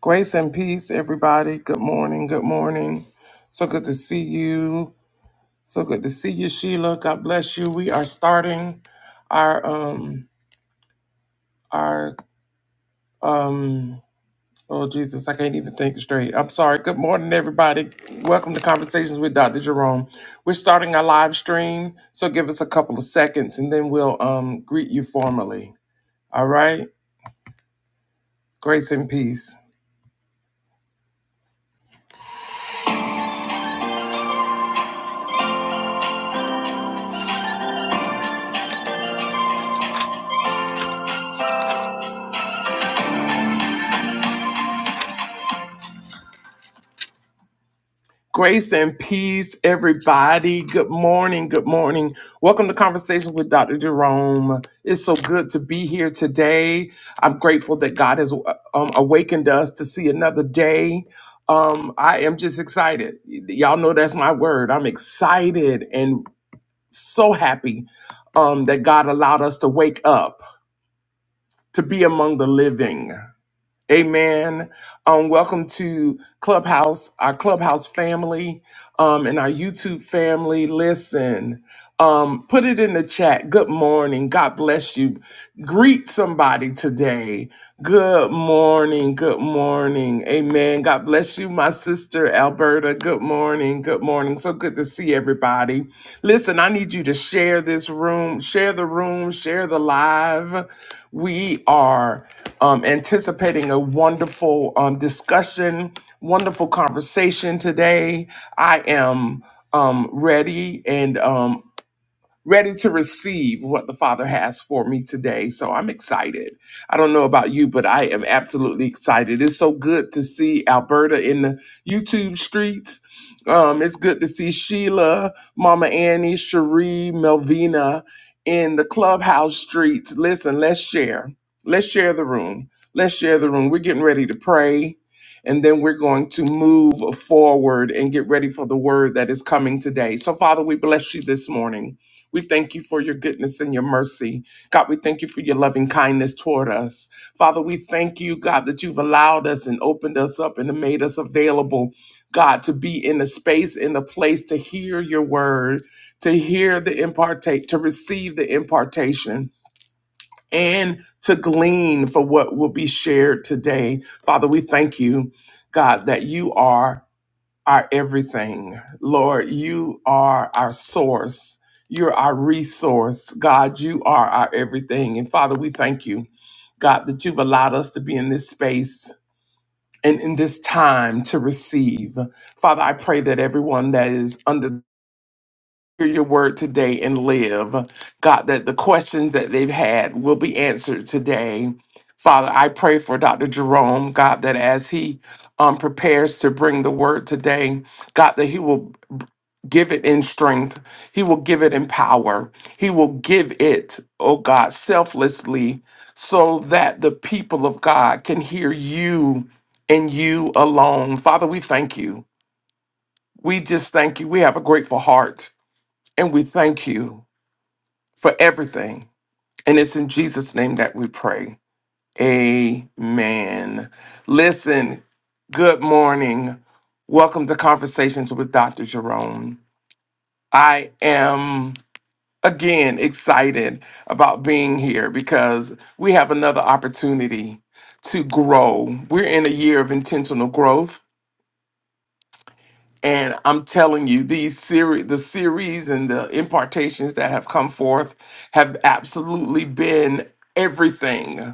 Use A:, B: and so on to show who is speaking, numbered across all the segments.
A: Grace and peace, everybody. Good morning. Good morning. So good to see you. So good to see you, Sheila. God bless you. We are starting our um our um oh Jesus, I can't even think straight. I'm sorry. Good morning, everybody. Welcome to Conversations with Dr. Jerome. We're starting our live stream, so give us a couple of seconds and then we'll um greet you formally. All right? Grace and peace. Grace and peace, everybody. Good morning. Good morning. Welcome to Conversations with Dr. Jerome. It's so good to be here today. I'm grateful that God has um, awakened us to see another day. Um, I am just excited. Y'all know that's my word. I'm excited and so happy um, that God allowed us to wake up, to be among the living. Amen. Um, welcome to Clubhouse, our Clubhouse family, um, and our YouTube family. Listen. Um, put it in the chat. Good morning. God bless you. Greet somebody today. Good morning. Good morning. Amen. God bless you, my sister Alberta. Good morning. Good morning. So good to see everybody. Listen, I need you to share this room, share the room, share the live. We are um, anticipating a wonderful um, discussion, wonderful conversation today. I am um, ready and um, ready to receive what the Father has for me today. So I'm excited. I don't know about you, but I am absolutely excited. It's so good to see Alberta in the YouTube streets. Um, it's good to see Sheila, Mama Annie, Cherie, Melvina in the clubhouse streets. Listen, let's share. Let's share the room. Let's share the room. We're getting ready to pray. And then we're going to move forward and get ready for the word that is coming today. So, Father, we bless you this morning. We thank you for your goodness and your mercy. God, we thank you for your loving kindness toward us. Father, we thank you, God, that you've allowed us and opened us up and made us available, God, to be in a space, in a place to hear your word, to hear the impartate, to receive the impartation. And to glean for what will be shared today. Father, we thank you, God, that you are our everything. Lord, you are our source. You're our resource. God, you are our everything. And Father, we thank you, God, that you've allowed us to be in this space and in this time to receive. Father, I pray that everyone that is under hear your word today and live. God, that the questions that they've had will be answered today. Father, I pray for Dr. Jerome, God, that as he um, prepares to bring the word today, God, that he will give it in strength. He will give it in power. He will give it, oh God, selflessly so that the people of God can hear you and you alone. Father, we thank you. We just thank you. We have a grateful heart and we thank you for everything. And it's in Jesus' name that we pray. Amen. Listen, good morning. Welcome to Conversations with Dr. Jerome. I am. again excited about being here because we have another opportunity to grow. We're in a year of intentional growth. And I'm telling you, these series, the series and the impartations that have come forth have absolutely been everything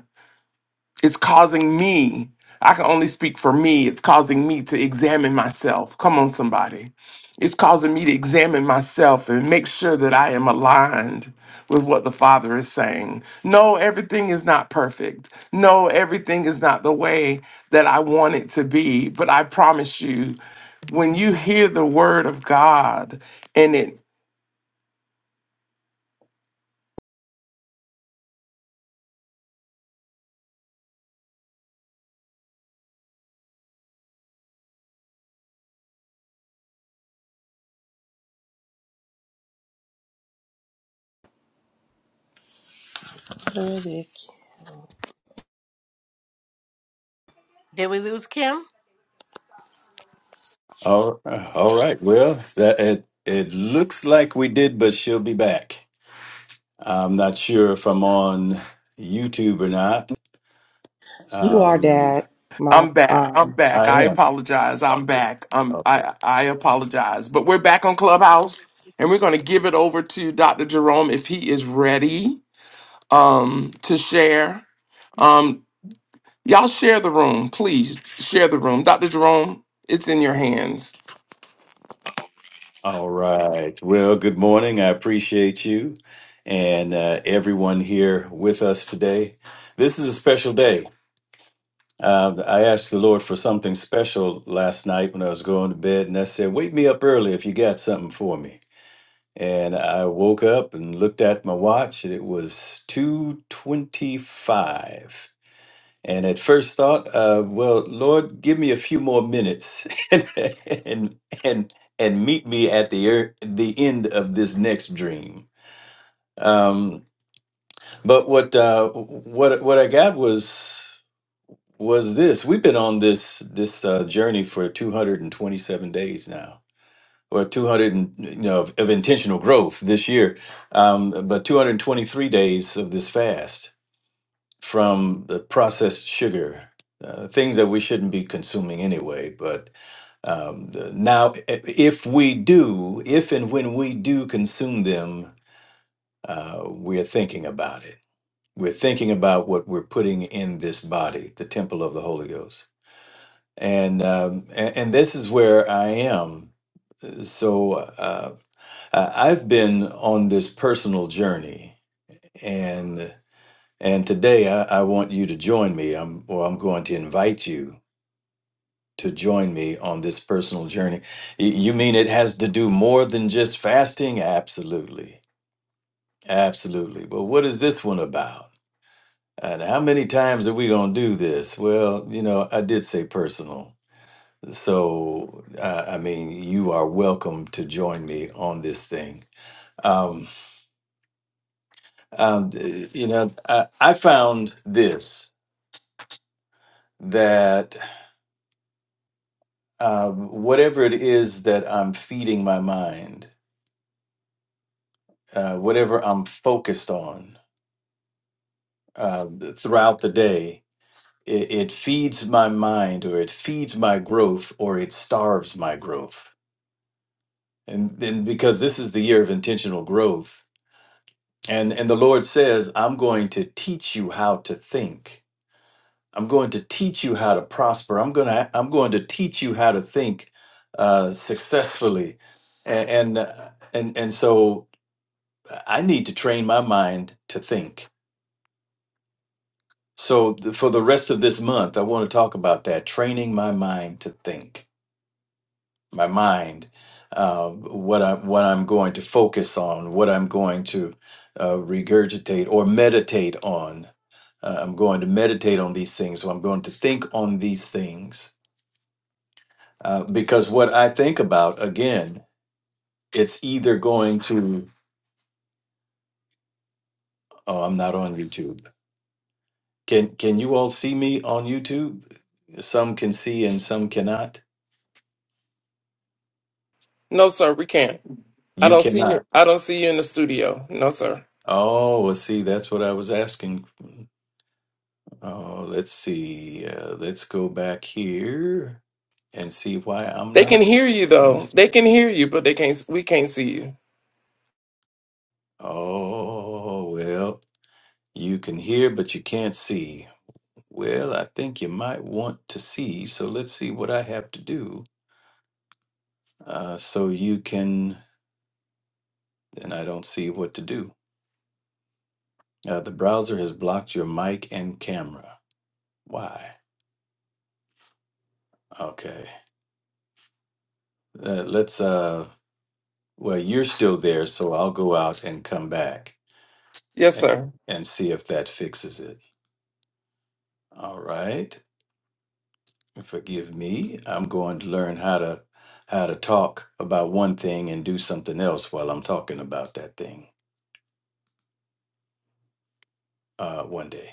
A: it's causing me, I can only speak for me, it's causing me to examine myself. Come on, somebody. It's causing me to examine myself and make sure that I am aligned with what the Father is saying. No, everything is not perfect. No, everything is not the way that I want it to be. But I promise you, when you hear the word of God, and it.
B: Good.
C: Did we lose Kim?
D: All, all right. Well, that it it looks like we did, but she'll be back. I'm not sure if I'm on YouTube or not.
B: You are
D: Um,
B: that, my
A: I'm back. I'm
B: um.
A: back.
D: I
A: I
D: am.
A: apologize. I'm back. Um,
D: Okay.
A: I I apologize. But we're back on Clubhouse, and we're going to give it over to Dr. Jerome if he is ready. Um, to share. Um, y'all share the room, please. Share the room, Dr. Jerome. It's in your hands.
D: All right. Well, good morning. I appreciate you and uh, everyone here with us today. This is a special day. Uh, I asked the Lord for something special last night when I was going to bed, and I said, "Wake me up early if you got something for me." And I woke up and looked at my watch, and it was 2:25. And at first thought, uh, well, Lord, give me a few more minutes and and and and meet me at the er- the end of this next dream. Um, but what uh, what what I got was was this. We've been on this this uh, journey for 227 days now or 200 and, you know of, of intentional growth this year um, but 223 days of this fast from the processed sugar uh, things that we shouldn't be consuming anyway but um, the- now i- if we do if and when we do consume them uh, we're thinking about it we're thinking about what we're putting in this body the temple of the holy ghost and um, and, and this is where i am so Uh, Uh, I've been on this personal journey, and and today I, I want you to join me. I'm or I'm going to invite you to join me on this personal journey. Y- You mean it has to do more than just fasting? Absolutely, absolutely. But what is this one about? And how many times are we going to do this? Well, you know, I did say personal. So, uh, I mean, you are welcome to join me on this thing. Um, Um, uh, you know, I, I found this that um, whatever it is that I'm feeding my mind, uh, whatever I'm focused on uh, throughout the day, it, it feeds my mind or it feeds my growth or it starves my growth. And then because this is the year of intentional growth, and, and the Lord says, I'm going to teach you how to think. I'm going to teach you how to prosper. I'm going to I'm going to teach you how to think uh, successfully, and and, uh, and and so I need to train my mind to think. So th- for the rest of this month, I want to talk about that training my mind to think. My mind, uh, what I what I'm going to focus on, what I'm going to uh, regurgitate or meditate on. Uh, I'm going to meditate on these things. So I'm going to think on these things Uh, because what I think about again, it's either going to oh, I'm not on YouTube. Can can you all see me on YouTube? Some can see and some cannot.
A: No, sir, we can't. I
D: You
A: don't see
D: cannot.
A: you. I don't see you in the studio. No, sir.
D: Oh, well, see, that's what I was asking. Oh, let's see. Uh, let's go back here and see why I'm
A: They can
D: not
A: hear you
D: in the.
A: though.
D: st-
A: They can hear you, but they can't. We can't see you.
D: Oh, well, you can hear, but you can't see. Well, I think you might want to see, so let's see what I have to do Uh, so you can, and I don't see what to do. Uh, the browser has blocked your mic and camera. Why? Okay. Uh, let's, uh, well, you're still there, so I'll go out and come back
A: Yes,
D: and,
A: sir.
D: and see if that fixes it. All right. Forgive me. I'm going to learn how to how to talk about one thing and do something else while I'm talking about that thing uh, one day.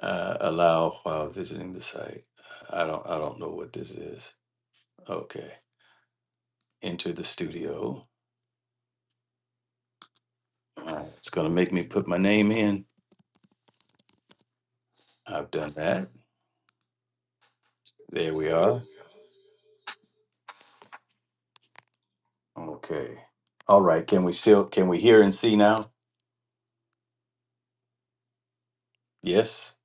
D: Uh, allow while visiting the site. I don't I don't know what this is. Okay, enter the studio. All right, it's gonna make me put my name in. I've done that. There we are. Okay. All right, can we still, can we hear and see now? Yes,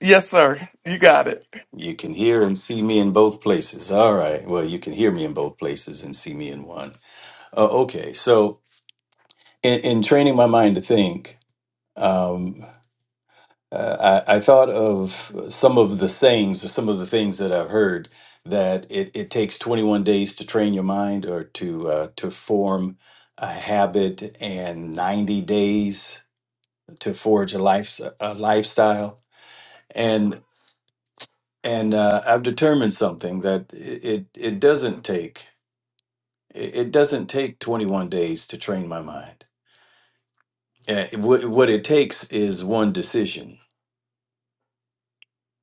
A: Yes, sir. You got it.
D: you can hear and see me in both places. All right, well, you can hear me in both places and see me in one. Uh, okay, so in, in training my mind to think, um, Uh, I, I thought of some of the sayings or some of the things that I've heard that it, it takes 21 days to train your mind or to uh, to form a habit and 90 days to forge a, life, a lifestyle. And and uh, I've determined something that it, it, it doesn't take it it doesn't take 21 days to train my mind. Uh, what, what it takes is one decision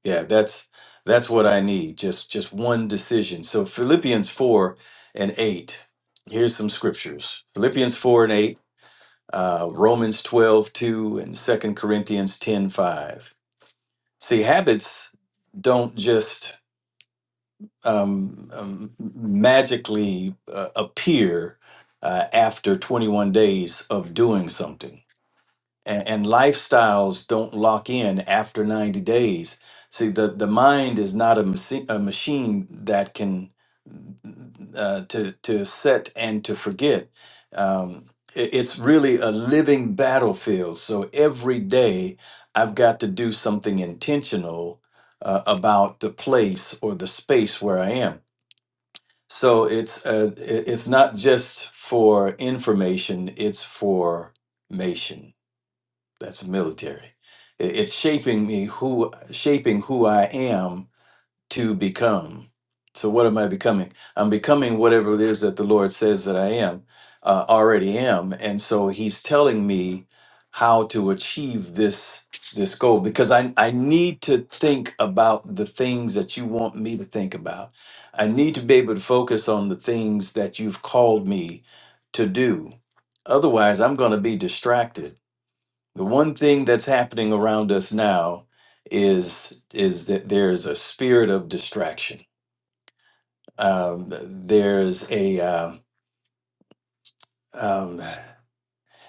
D: Yeah, that's that's what I need. Just just one decision. So Philippians four and eight. Here's some scriptures. Philippians four and eight, uh, Romans 12 2, and Second Corinthians 10 5. See, habits don't just um, um, magically uh, appear uh, after 21 days of doing something and, and lifestyles don't lock in after 90 days see the, the mind is not a, machi- a machine that can uh, to, to set and to forget um, i- it's really a living battlefield so every day i've got to do something intentional uh, about the place or the space where i am so it's uh, i- it's not just for information it's for mation that's the military. It- It's shaping me who shaping who I am to become. So what am I becoming? I'm becoming whatever it is that the Lord says that I am, uh, already am. And so He's telling me how to achieve this this goal because I, I need to think about the things that you want me to think about. I need to be able to focus on the things that you've called me to do. Otherwise, I'm going to be distracted the one thing that's happening around us now is is that there's a spirit of distraction. Um, there's a um, um,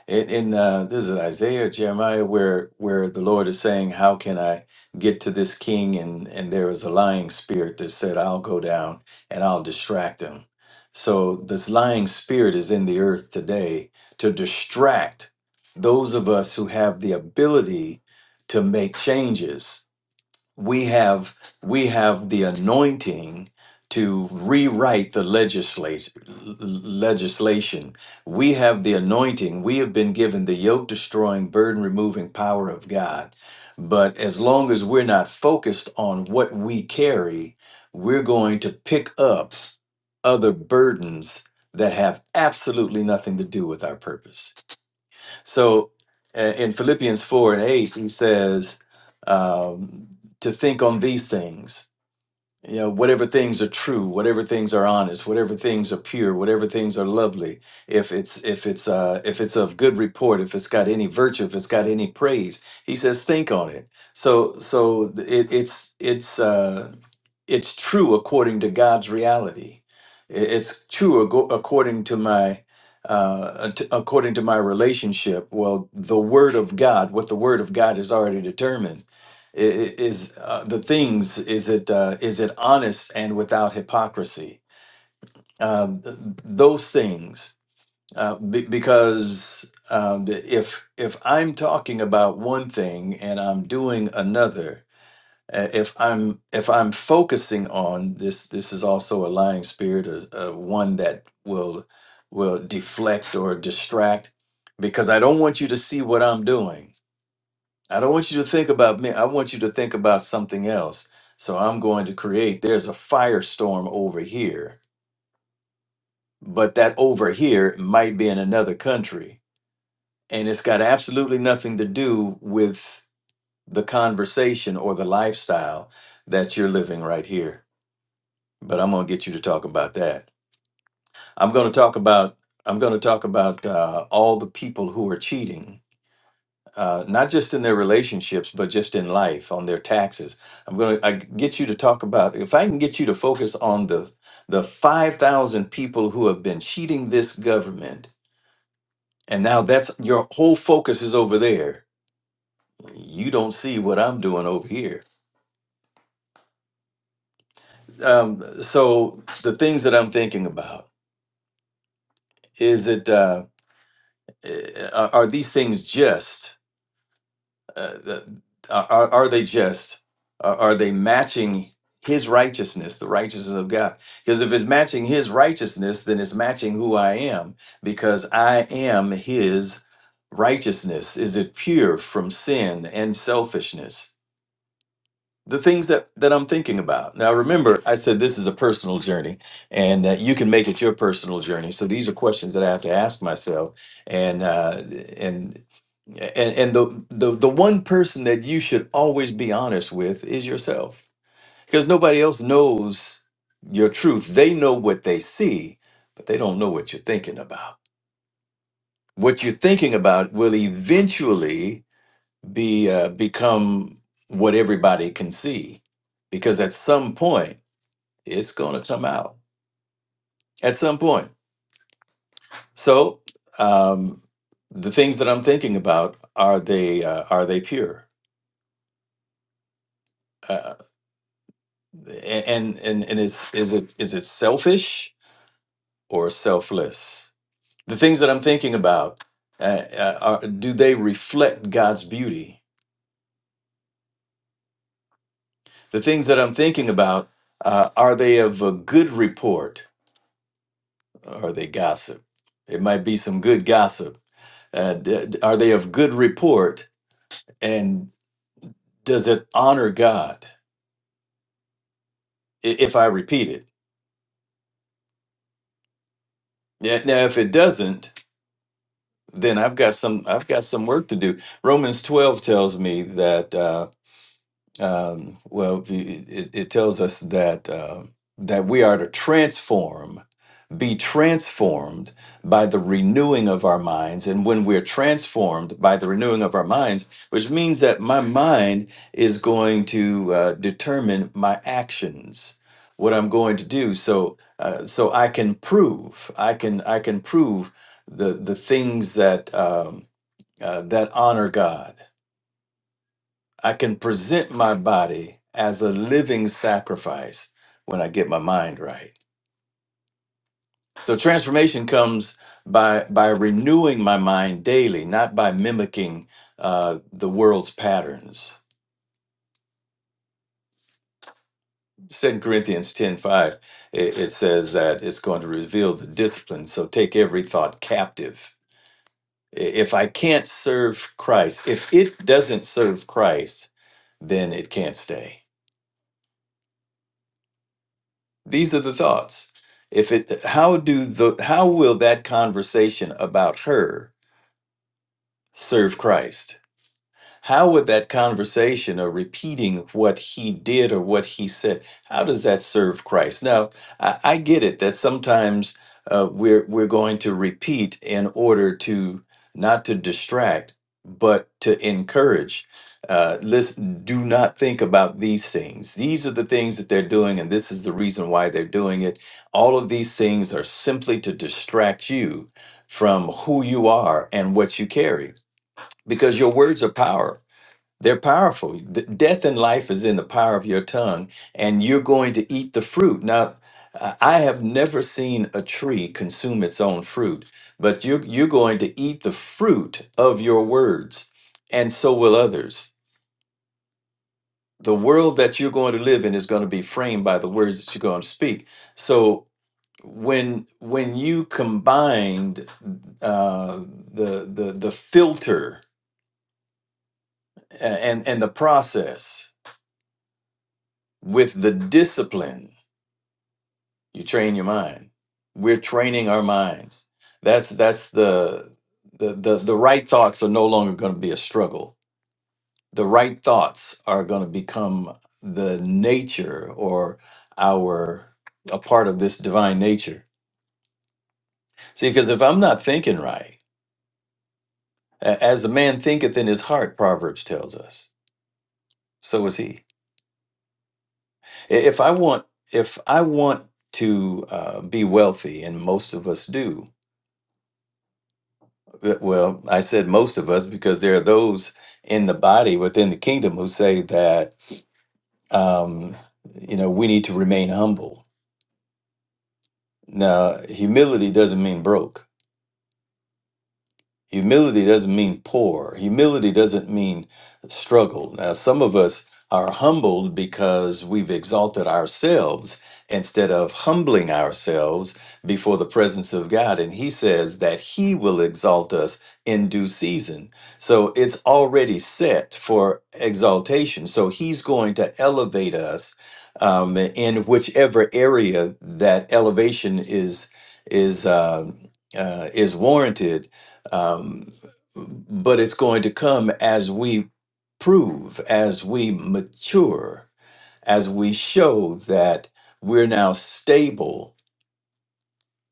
D: in, in uh, this is Isaiah Jeremiah where where the Lord is saying, "How can I get to this king?" and and there was a lying spirit that said, "I'll go down and I'll distract him." So this lying spirit is in the earth today to distract those of us who have the ability to make changes we have we have the anointing to rewrite the legislation legislation we have the anointing we have been given the yoke destroying burden removing power of god but as long as we're not focused on what we carry we're going to pick up other burdens that have absolutely nothing to do with our purpose so uh, in Philippians 4 and 8, he says um, to think on these things you know whatever things are true whatever things are honest whatever things are pure whatever things are lovely if it's if it's uh if it's of good report if it's got any virtue if it's got any praise he says think on it so so th- it, it's it's uh it's true according to god's reality I- it's true ago- according to my uh at- according to my relationship well the word of god what the word of god has already determined I- i- Is uh, the things is it uh, is it honest and without hypocrisy? Um, th- those things, uh, be- because um, if if I'm talking about one thing and I'm doing another, uh, if I'm if I'm focusing on this, this is also a lying spirit, or uh, one that will will deflect or distract, because I don't want you to see what I'm doing I don't want you to think about me. I want you to think about something else. So I'm going to create, there's a firestorm over here, but that over here might be in another country. And it's got absolutely nothing to do with the conversation or the lifestyle that you're living right here. But I'm going to get you to talk about that. I'm going to talk about. I'm going to talk about uh, all the people who are cheating uh, not just in their relationships, but just in life, on their taxes. I'm going to I get you to talk about if I can get you to focus on the the 5,000 people who have been cheating this government, and now that's your whole focus is over there. You don't see what I'm doing over here. Um, so the things that I'm thinking about is it uh, eh, are are these things just? uh, the- are, are they just? Are, are they matching his righteousness, the righteousness of God? Because if it's matching his righteousness, then it's matching who I am because I am his righteousness. Is it pure from sin and selfishness? the things that that I'm thinking about. Now remember I said this is a personal journey and that you can make it your personal journey. So these are questions that I have to ask myself and uh and and and the the the one person that you should always be honest with is yourself because nobody else knows your truth. They know what they see, but they don't know what you're thinking about. What you're thinking about will eventually be uh, become what everybody can see because at some point it's going to come out at some point so um, the things that i'm thinking about are they uh, are they pure uh, and and and is is it is it selfish or selfless the things that i'm thinking about uh, uh, are, do they reflect god's beauty the things that i'm thinking about uh, are they of a good report or they gossip. It might be some good gossip. Uh, d- d- are they of good report? And does it honor God? I- If I repeat it, yeah. Now, if it doesn't, then I've got some. I've got some work to do. Romans twelve tells me that. uh, Um, well, it, it it tells us that uh, that we are to transform, be transformed by the renewing of our minds, and when we're transformed by the renewing of our minds, which means that my mind is going to uh, determine my actions, what I'm going to do, so uh, so I can prove, I can I can prove the the things that um, uh, that honor God I can present my body as a living sacrifice when I get my mind right. So transformation comes by by renewing my mind daily, not by mimicking uh, the world's patterns. Second Corinthians ten five, it, it says that it's going to reveal the discipline. So take every thought captive. I- If I can't serve Christ, if it doesn't serve Christ, then it can't stay. These are the thoughts. If it how do the how will that conversation about her serve Christ? How would that conversation or repeating what he did or what he said, how does that serve Christ? Now, I, I get it that sometimes uh, we're we're going to repeat in order to not to distract, but to encourage. Uh, listen, do not think about these things. These are the things that they're doing, and this is the reason why they're doing it. All of these things are simply to distract you from who you are and what you carry, because your words are powerful they're powerful. D- death and life is in the power of your tongue, and you're going to eat the fruit. Now, I I have never seen a tree consume its own fruit, but you're, you're going to eat the fruit of your words, and so will others. The world that you're going to live in is going to be framed by the words that you're going to speak. So when when you combined uh, the the the filter a- and and the process with the discipline You train your mind. We're training our minds. That's that's the the the, the right thoughts are no longer going to be a struggle. The right thoughts are going to become the nature or our a part of this divine nature. See, because if I'm not thinking right, a- as the man thinketh in his heart, Proverbs tells us, so is he. I- If I want, if I want to uh, be wealthy, and most of us do, Uh, Well, I said most of us because there are those in the body within the kingdom who say that um, you know we need to remain humble. Now, humility doesn't mean broke. Humility doesn't mean poor. Humility doesn't mean struggle. Now, some of us are humbled because we've exalted ourselves instead of humbling ourselves before the presence of God. And He says that He will exalt us in due season. So it's already set for exaltation. So He's going to elevate us um, in whichever area that elevation is is um, uh, is warranted um, but it's going to come as we prove, as we mature, as we show that we're now stable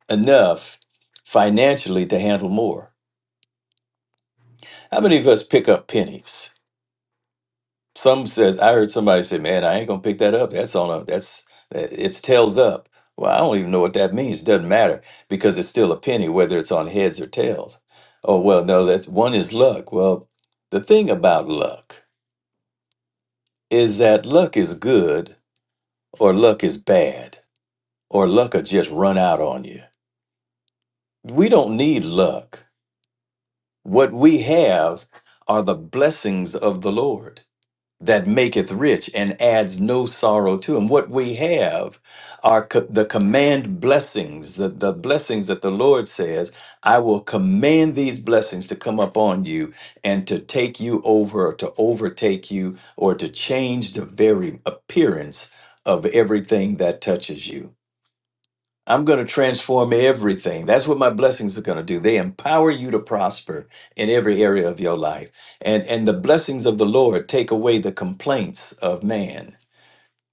D: enough financially to handle more. How many of us pick up pennies? Some says I heard somebody say, "Man, I ain't gonna pick that up. That's on a that's it's tails up." Well, I don't even know what that means. Doesn't matter because it's still a penny, whether it's on heads or tails. Oh well, no, that's one is luck. Well, the thing about luck is that luck is good or luck is bad or luck will just run out on you. We don't need luck. What we have are the blessings of the Lord. that maketh rich and adds no sorrow to him. What we have are co- the command blessings, the, the blessings that the Lord says, I will command these blessings to come upon you and to take you over, or to overtake you, or to change the very appearance of everything that touches you. I'm going to transform everything. That's what my blessings are going to do. They empower you to prosper in every area of your life. And and the blessings of the Lord take away the complaints of man.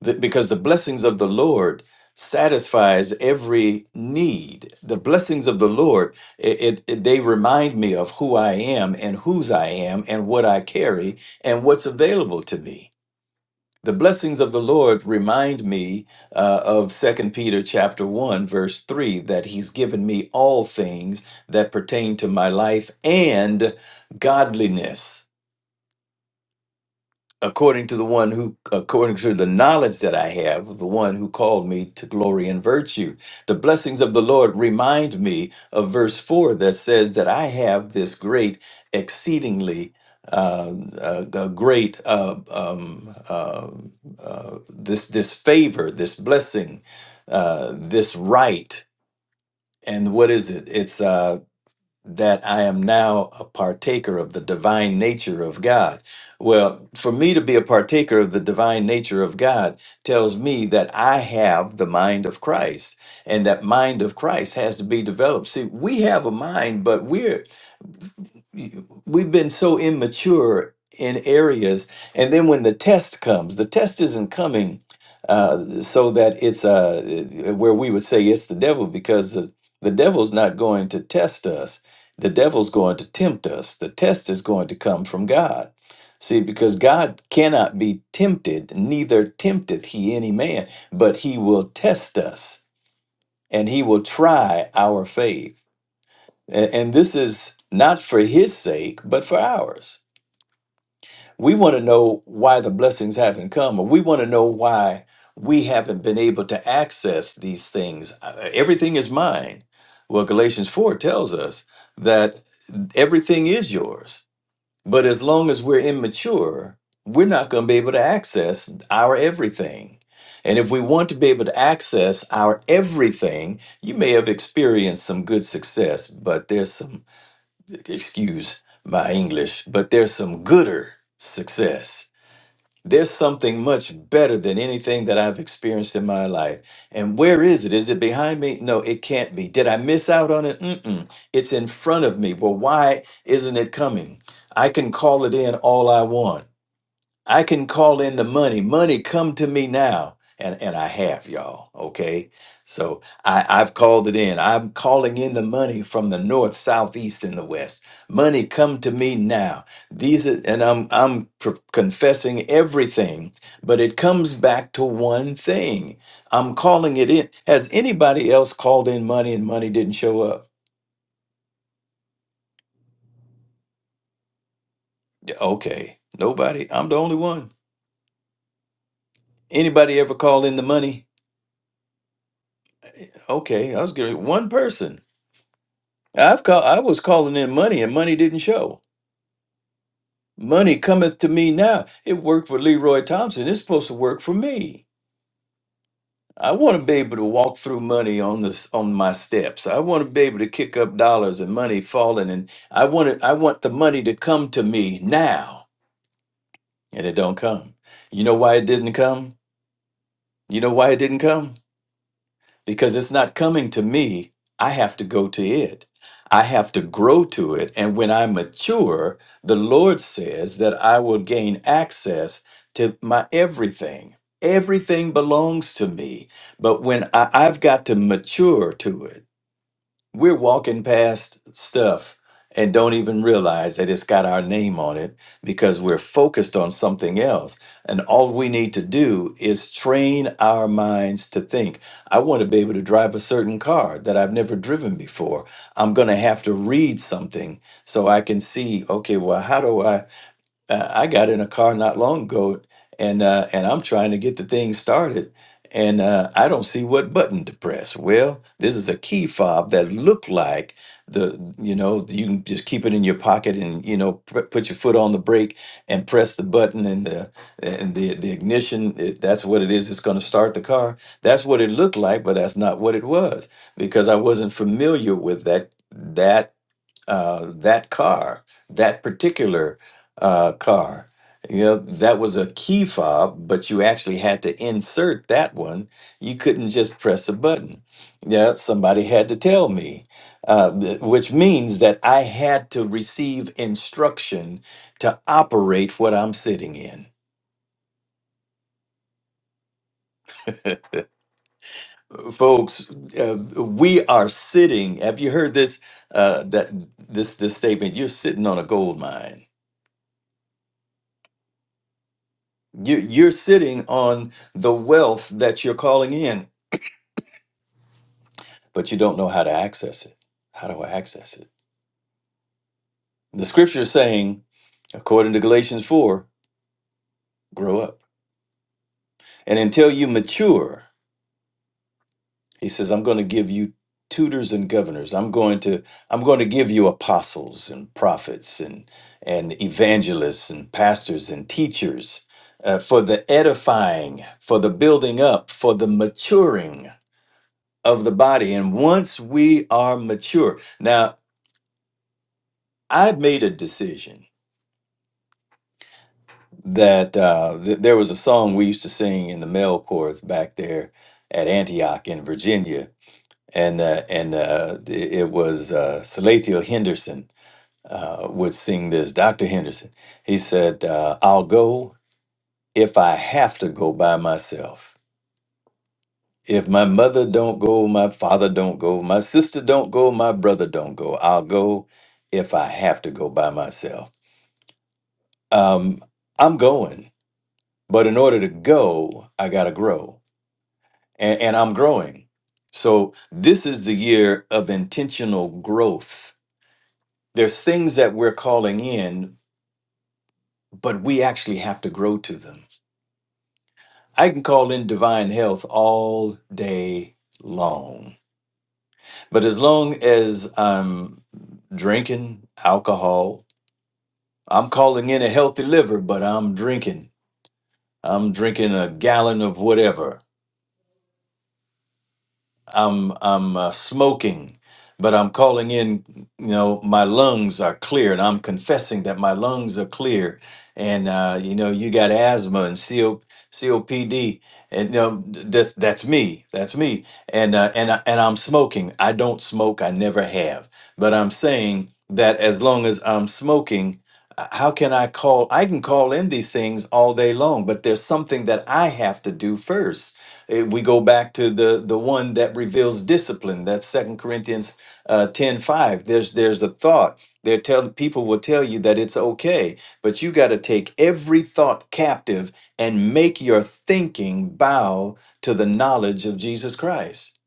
D: The- because the blessings of the Lord satisfies every need. The blessings of the Lord, it, it it- they remind me of who I am and whose I am and what I carry and what's available to me the blessings of the lord remind me uh, of second peter chapter 1 verse 3 that he's given me all things that pertain to my life and godliness according to the one who according to the knowledge that i have of the one who called me to glory and virtue the blessings of the lord remind me of verse 4 that says that i have this great exceedingly uh, uh, uh, great uh, um, um, uh, this this favor this blessing uh, this right and what is it it's uh, that I am now a partaker of the divine nature of God. Well, for me to be a partaker of the divine nature of God tells me that I have the mind of Christ and that mind of Christ has to be developed. See, we have a mind, but we're we've been so immature in areas and then when the test comes the test isn't coming uh, so that it's uh, where we would say it's the devil because the, the devil's not going to test us the devil's going to tempt us the test is going to come from god see because god cannot be tempted neither tempteth he any man but he will test us and he will try our faith and, and this is not for his sake, but for ours. We want to know why the blessings haven't come, or we want to know why we haven't been able to access these things. Uh, Everything is mine. Well, Galatians 4 tells us that everything is yours. But as long as we're immature, we're not going to be able to access our everything. And if we want to be able to access our everything, you may have experienced some good success, but there's some excuse my English, but there's some gooder success. There's something much better than anything that I've experienced in my life. And where is it? Is it behind me? No, it can't be. Did I miss out on it? Mm-mm. It's in front of me. Well, why isn't it coming? I can call it in all I want. I can call in the money. Money, come to me now. And, and I have y'all, okay? So I, I've called it in. I'm calling in the money from the north, south, east, and the west. Money, come to me now. These are, and I'm I'm pr- confessing everything, but it comes back to one thing. I'm calling it in. Has anybody else called in money and money didn't show up? Okay, nobody. I'm the only one. Anybody ever call in the money? Okay, I was good. One person I've call, I was calling in money and money didn't show. Money cometh to me now. It worked for Leroy Thompson. It's supposed to work for me. I want to be able to walk through money on this on my steps. I want to be able to kick up dollars and money falling and I want it, I want the money to come to me now and it don't come. You know why it didn't come? You know why it didn't come? because it's not coming to me. I have to go to it. I have to grow to it. And when I mature, the Lord says that I will gain access to my everything. Everything belongs to me. But when I, I've got to mature to it, we're walking past stuff and don't even realize that it's got our name on it because we're focused on something else. And all we need to do is train our minds to think. I want to be able to drive a certain car that I've never driven before. I'm going to have to read something so I can see, okay, well, how do I? uh, I got in a car not long ago, and uh, and I'm trying to get the thing started, and uh, I don't see what button to press. Well, this is a key fob that looked like the you know you can just keep it in your pocket and you know pr- put your foot on the brake and press the button and the and the the ignition. It, that's what it is. It's going to start the car. That's what it looked like, but that's not what it was because I wasn't familiar with that that uh, that car, that particular uh, car. You know, that was a key fob, but you actually had to insert that one. You couldn't just press a button. Yeah, somebody had to tell me, uh, th- which means that I had to receive instruction to operate what I'm sitting in. Folks, uh, we are sitting. Have you heard this? Uh, that this this statement? You're sitting on a gold mine You, you're sitting on the wealth that you're calling in, but you don't know how to access it. How do I access it? The scripture is saying, according to Galatians 4, grow up. And until you mature, he says, I'm going to give you tutors and governors. I'm going to I'm going to give you apostles and prophets and and evangelists and pastors and teachers uh, for the edifying, for the building up, for the maturing of the body. And once we are mature, now I made a decision that uh, th- there was a song we used to sing in the male chorus back there at Antioch in Virginia, and uh, and uh, it it was uh, Salathiel Henderson uh, would sing this. Doctor Henderson, he said, uh, "I'll go if I have to go by myself." If my mother don't go, my father don't go, my sister don't go, my brother don't go. I'll go if I have to go by myself. Um, I'm going, but in order to go, I gotta grow, and, and I'm growing. So this is the year of intentional growth. There's things that we're calling in, but we actually have to grow to them. I can call in divine health all day long But as long as I'm drinking alcohol, I'm calling in a healthy liver, but I'm drinking. I'm drinking a gallon of whatever. I'm I'm uh, smoking, but I'm calling in. You know, my lungs are clear, and I'm confessing that my lungs are clear. And uh, you know, you got asthma and CO, COPD, and you know, th- that's that's me. That's me. And uh, and I- and I'm smoking. I don't smoke. I never have. But I'm saying that as long as I'm smoking. uh, How can I call? I can call in these things all day long, but there's something that I have to do first Eh, we go back to the the one that reveals discipline that's second corinthians uh 10 five. there's there's a thought they're telling people will tell you that it's okay but you got to take every thought captive and make your thinking bow to the knowledge of jesus christ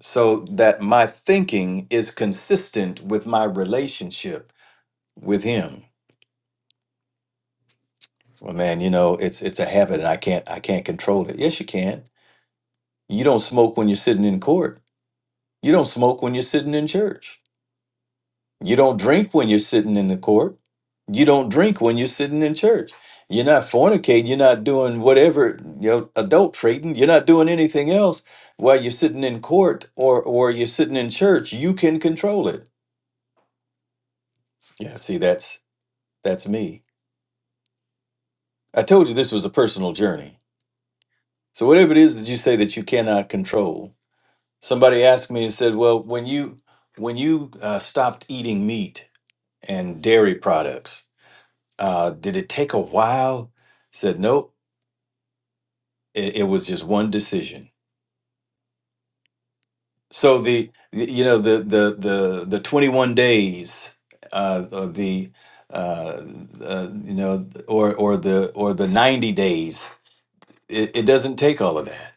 D: so that my thinking is consistent with my relationship with him well man you know it's it's a habit and i can't i can't control it yes you can you don't smoke when you're sitting in court You don't smoke when you're sitting in church. You don't drink when you're sitting in the court. You don't drink when you're sitting in church. You're not fornicating. You're not doing whatever, you know, adult trading. You're not doing anything else while you're sitting in court or or you're sitting in church. You can control it. Yeah, see, that's that's me. I told you this was a personal journey. So whatever it is that you say that you cannot control, somebody asked me and said, "Well, when you when you uh, stopped eating meat and dairy products." Uh, did it take a while? Said nope. It, it was just one decision. So the you know the the the the 21 days, uh, or the uh, uh, you know or or the or the 90 days. It, it doesn't take all of that.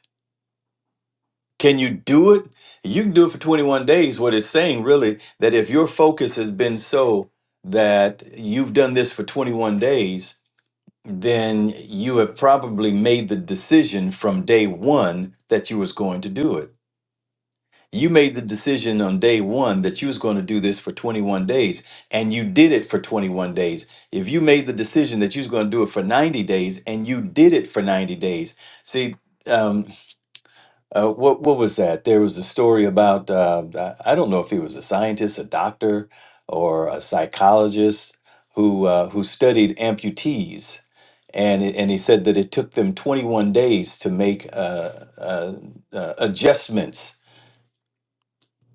D: Can you do it? You can do it for 21 days. What it's saying really that if your focus has been so that you've done this for 21 days then you have probably made the decision from day one that you was going to do it. You made the decision on day one that you was going to do this for 21 days, and you did it for 21 days. If you made the decision that you was going to do it for 90 days, and you did it for 90 days, see, um, uh, what what was that? There was a story about uh, I I don't know if he was a scientist, a doctor, or a psychologist who uh, who studied amputees and it, and he said that it took them 21 days to make uh, uh, uh, adjustments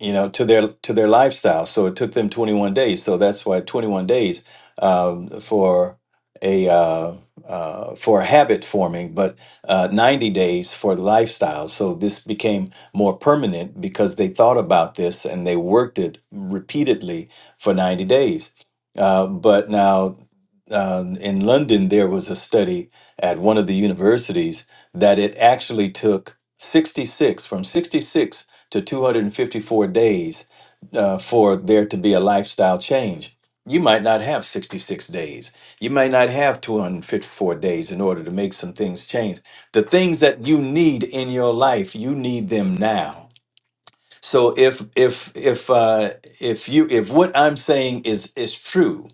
D: you know to their to their lifestyle so it took them 21 days so that's why 21 days um, for a uh, uh, for habit forming but uh, 90 days for the lifestyle so this became more permanent because they thought about this and they worked it repeatedly for 90 days uh, but now um, in london there was a study at one of the universities that it actually took 66 from 66 to 254 days uh, for there to be a lifestyle change. You might not have 66 days. You might not have 254 days in order to make some things change. The things that you need in your life, you need them now. So if if if uh, if you if what I'm saying is is true,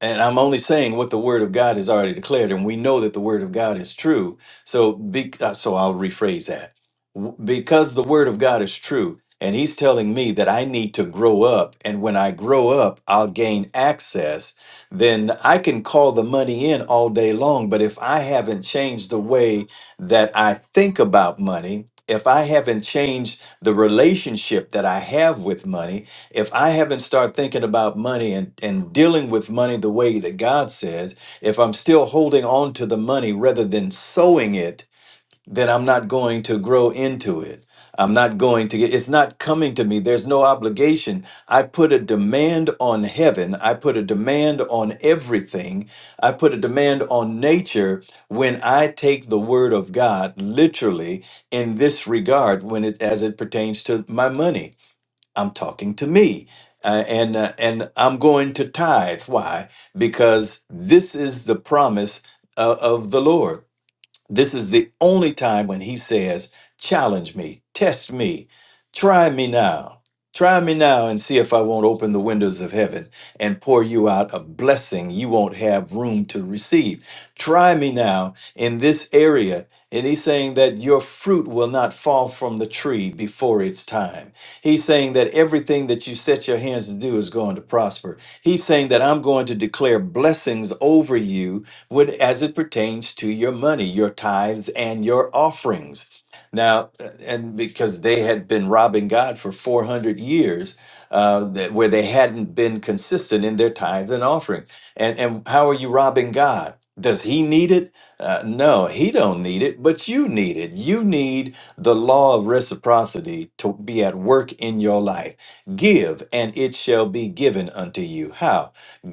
D: and I'm only saying what the word of God has already declared, and we know that the word of God is true. So, be, uh, so I'll rephrase that. W- Because the word of God is true, and He's telling me that I need to grow up, and when I grow up, I'll gain access. Then I can call the money in all day long, but if I haven't changed the way that I think about money, if I haven't changed the relationship that I have with money, if I haven't started thinking about money and, and dealing with money the way that God says, if I'm still holding on to the money rather than sowing it, then I'm not going to grow into it. I'm not going to get it's not coming to me. There's no obligation. I put a demand on heaven. I put a demand on everything. I put a demand on nature when I take the word of God literally in this regard when it as it pertains to my money. I'm talking to me. Uh, and uh, and I'm going to tithe. Why? Because this is the promise uh, of the Lord. This is the only time when he says, Challenge me, test me, try me now. Try me now and see if I won't open the windows of heaven and pour you out a blessing you won't have room to receive. Try me now in this area. And he's saying that your fruit will not fall from the tree before its time. He's saying that everything that you set your hands to do is going to prosper. He's saying that I'm going to declare blessings over you would, as it pertains to your money, your tithes, and your offerings. Now, and because they had been robbing God for 400 years, uh, that, where they hadn't been consistent in their tithes and offering. And, and how are you robbing God? Does he need it? Uh, no, he don't need it, but you need it. You need the law of reciprocity to be at work in your life. Give, and it shall be given unto you. How?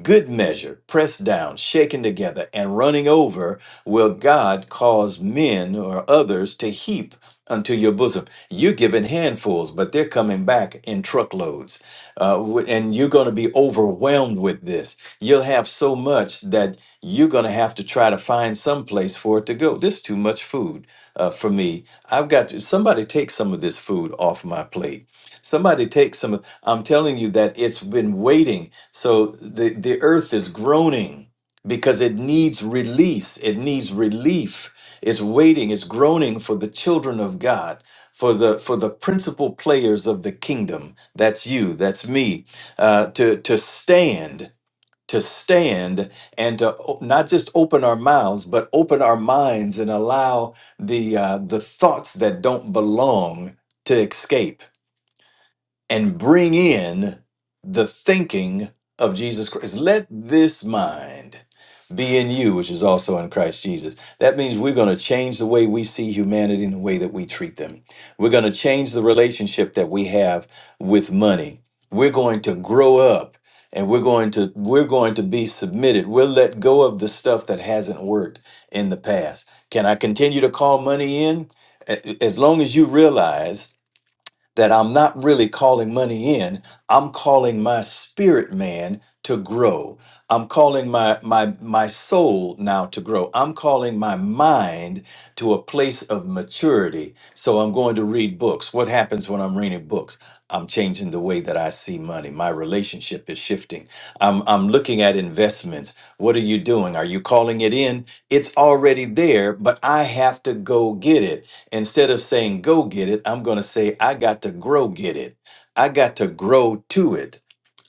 D: Good measure, pressed down, shaken together, and running over, will God cause men or others to heap unto your bosom. You're giving handfuls, but they're coming back in truckloads. Uh, w- and you're going to be overwhelmed with this. You'll have so much that you're going to have to try to find some place for it to go. This is too much food uh, for me. I've got to, somebody take some of this food off my plate. Somebody take some. of- I'm telling you that it's been waiting so the, the earth is groaning because it needs release, it needs relief. It's waiting, it's groaning for the children of God. For the for the principal players of the kingdom, that's you, that's me, uh, to to stand, to stand, and to o- not just open our mouths, but open our minds and allow the uh, the thoughts that don't belong to escape and bring in the thinking of Jesus Christ. Let this mind be in you, which is also in Christ Jesus. That means we're going to change the way we see humanity and the way that we treat them. We're going to change the relationship that we have with money. We're going to grow up and we're going to we're going to be submitted. We'll let go of the stuff that hasn't worked in the past. Can I continue to call money in? A- As long as you realize that I'm not really calling money in. I'm calling my spirit man to grow. I'm calling my my my soul now to grow. I'm calling my mind to a place of maturity. So I'm going to read books. What happens when I'm reading books? I'm changing the way that I see money. My relationship is shifting. I'm I'm looking at investments. What are you doing? Are you calling it in? It's already there, but I have to go get it. Instead of saying go get it, I'm going to say I got to grow get it. I got to grow to it.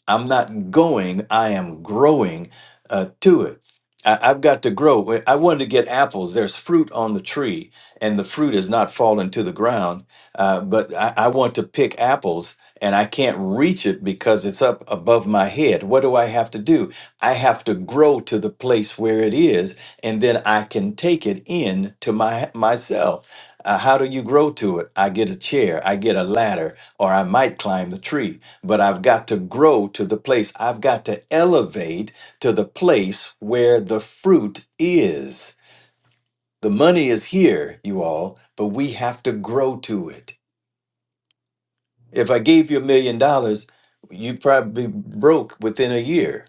D: I'm not going, I am growing uh, to it. I, I've got to grow. When I wanted to get apples. There's fruit on the tree, and the fruit is not falling to the ground. Uh, but I, I want to pick apples, and I can't reach it because it's up above my head. What do I have to do? I have to grow to the place where it is, and then I can take it in to my myself uh, how do you grow to it? I get a chair, I get a ladder, or I might climb the tree, but I've got to grow to the place. I've got to elevate to the place where the fruit is. The money is here, you all, but we have to grow to it. If I gave you a million dollars, you'd probably be broke within a year.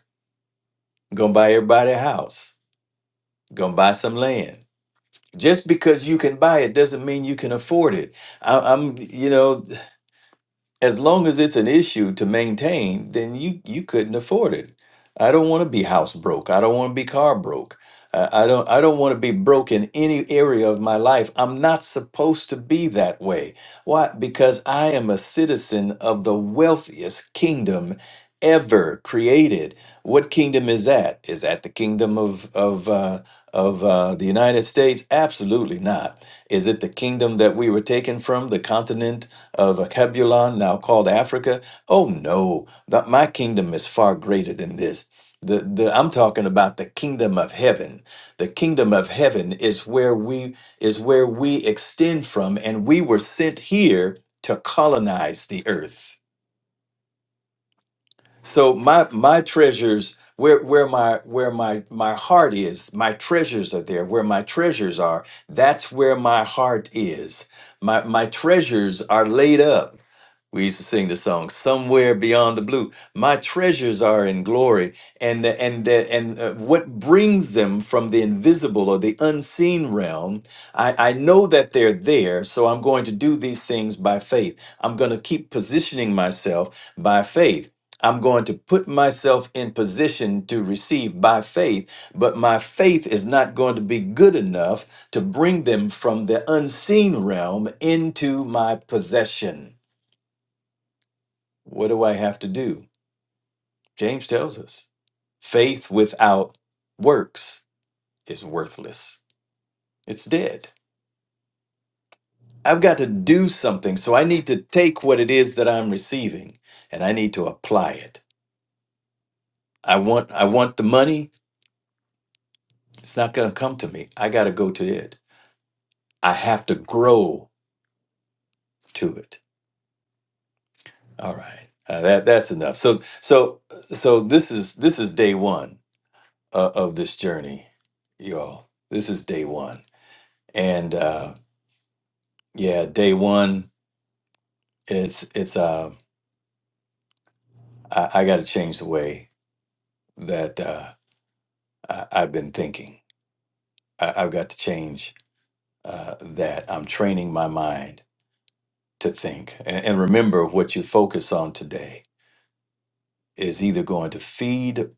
D: Gonna buy everybody a house, gonna buy some land. Just because you can buy it doesn't mean you can afford it. I, I'm, you know. as long as it's an issue to maintain, then you you couldn't afford it. I don't want to be house broke. I don't want to be car broke. I, I don't I don't want to be broke in any area of my life. I'm not supposed to be that way. Why? Because I am a citizen of the wealthiest kingdom ever created. What kingdom is that? Is that the kingdom of of uh, of uh, the United States? Absolutely not. Is it the kingdom that we were taken from, the continent of Cabulon, now called Africa. Oh no, that my kingdom is far greater than this. The, the, I'm talking about the kingdom of heaven. The kingdom of heaven is where we is where we extend from, and we were sent here to colonize the earth. So my my treasures, where where my where my my heart is, my treasures are there. Where my treasures are, that's where my heart is. My my treasures are laid up we used to sing the song "Somewhere Beyond the Blue." My treasures are in glory, and the, and the, and uh, what brings them from the invisible or the unseen realm? I, I know that they're there, so I'm going to do these things by faith. I'm going to keep positioning myself by faith. I'm going to put myself in position to receive by faith, but my faith is not going to be good enough to bring them from the unseen realm into my possession. What do I have to do? James tells us faith without works is worthless, it's dead. I've got to do something, so I need to take what it is that I'm receiving and I need to apply it. I want I want the money, it's not going to come to me. I got to go to it. I have to grow to it. All right. Uh, that that's enough. So so so this is this is day 1 uh, of this journey, y'all. This is day 1. And um Yeah, day one, it's it's uh I, I gotta change the way that uh I, I've been thinking. I, I've got to change uh that. I'm training my mind to think. And, and remember what you focus on today is either going to feed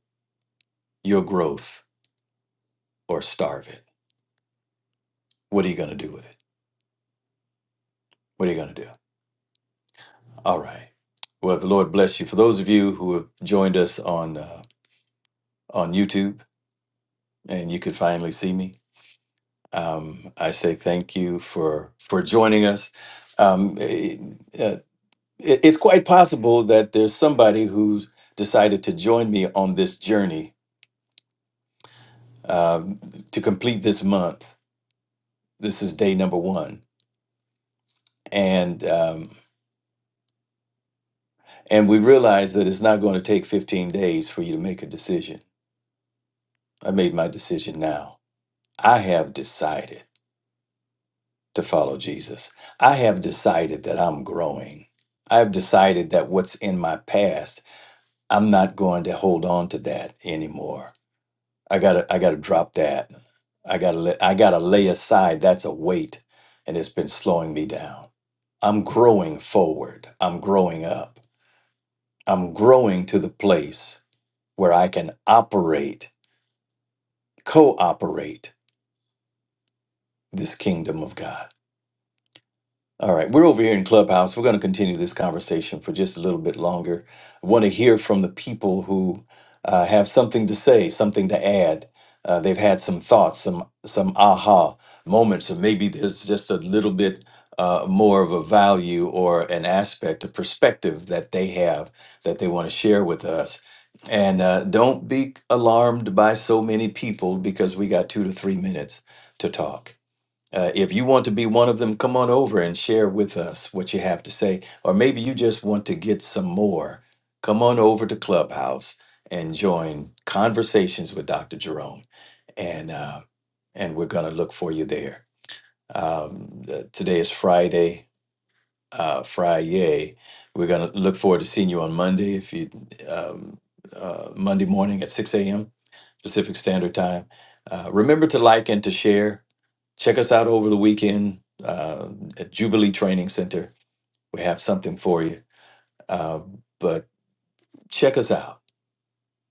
D: your growth or starve it. What are you gonna do with it? What are you gonna do? All right. Well, the Lord bless you. For those of you who have joined us on uh, on YouTube and you could finally see me, Um, I say thank you for for joining us. Um, eh, uh, it- it's quite possible that there's somebody who decided to join me on this journey um, to complete this month. This is day number one, and um, and we realize that it's not going to take 15 days for you to make a decision. I made my decision now. I have decided to follow Jesus. I have decided that I'm growing. I have decided that what's in my past I'm not going to hold on to that anymore. I gotta I gotta drop that. I gotta let I gotta lay aside that's a weight and it's been slowing me down. I'm growing forward. I'm growing up. I'm growing to the place where I can operate, cooperate this kingdom of God. All right, we're over here in Clubhouse. We're going to continue this conversation for just a little bit longer. I want to hear from the people who uh, have something to say, something to add. Uh, they've had some thoughts, some some aha moments, or maybe there's just a little bit uh, more of a value or an aspect, a perspective that they have that they want to share with us. And uh, don't be alarmed by so many people because we got two to three minutes to talk. Uh, if you want to be one of them, come on over and share with us what you have to say. Or maybe you just want to get some more. Come on over to Clubhouse and join Conversations with Dr. Jerome. And, uh, and we're going to look for you there. Um, the- today is Friday, uh, Friday. We're going to look forward to seeing you on Monday, if you um, uh, Monday morning at 6 a.m. Pacific Standard Time. Uh, remember to like and to share. Check us out over the weekend uh, at Jubilee Training Center. We have something for you. Uh, but check us out.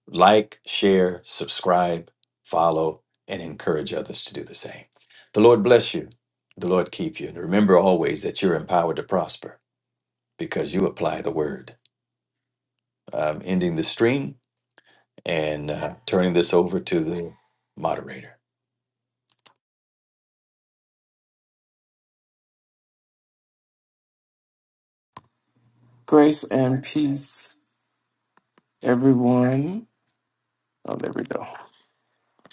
D: Like, share, subscribe, follow, and encourage others to do the same. The Lord bless you. The Lord keep you. And remember always that you're empowered to prosper because you apply the word. I'm ending the stream and uh, turning this over to the moderator.
A: Grace and peace. everyone. Oh, there we go.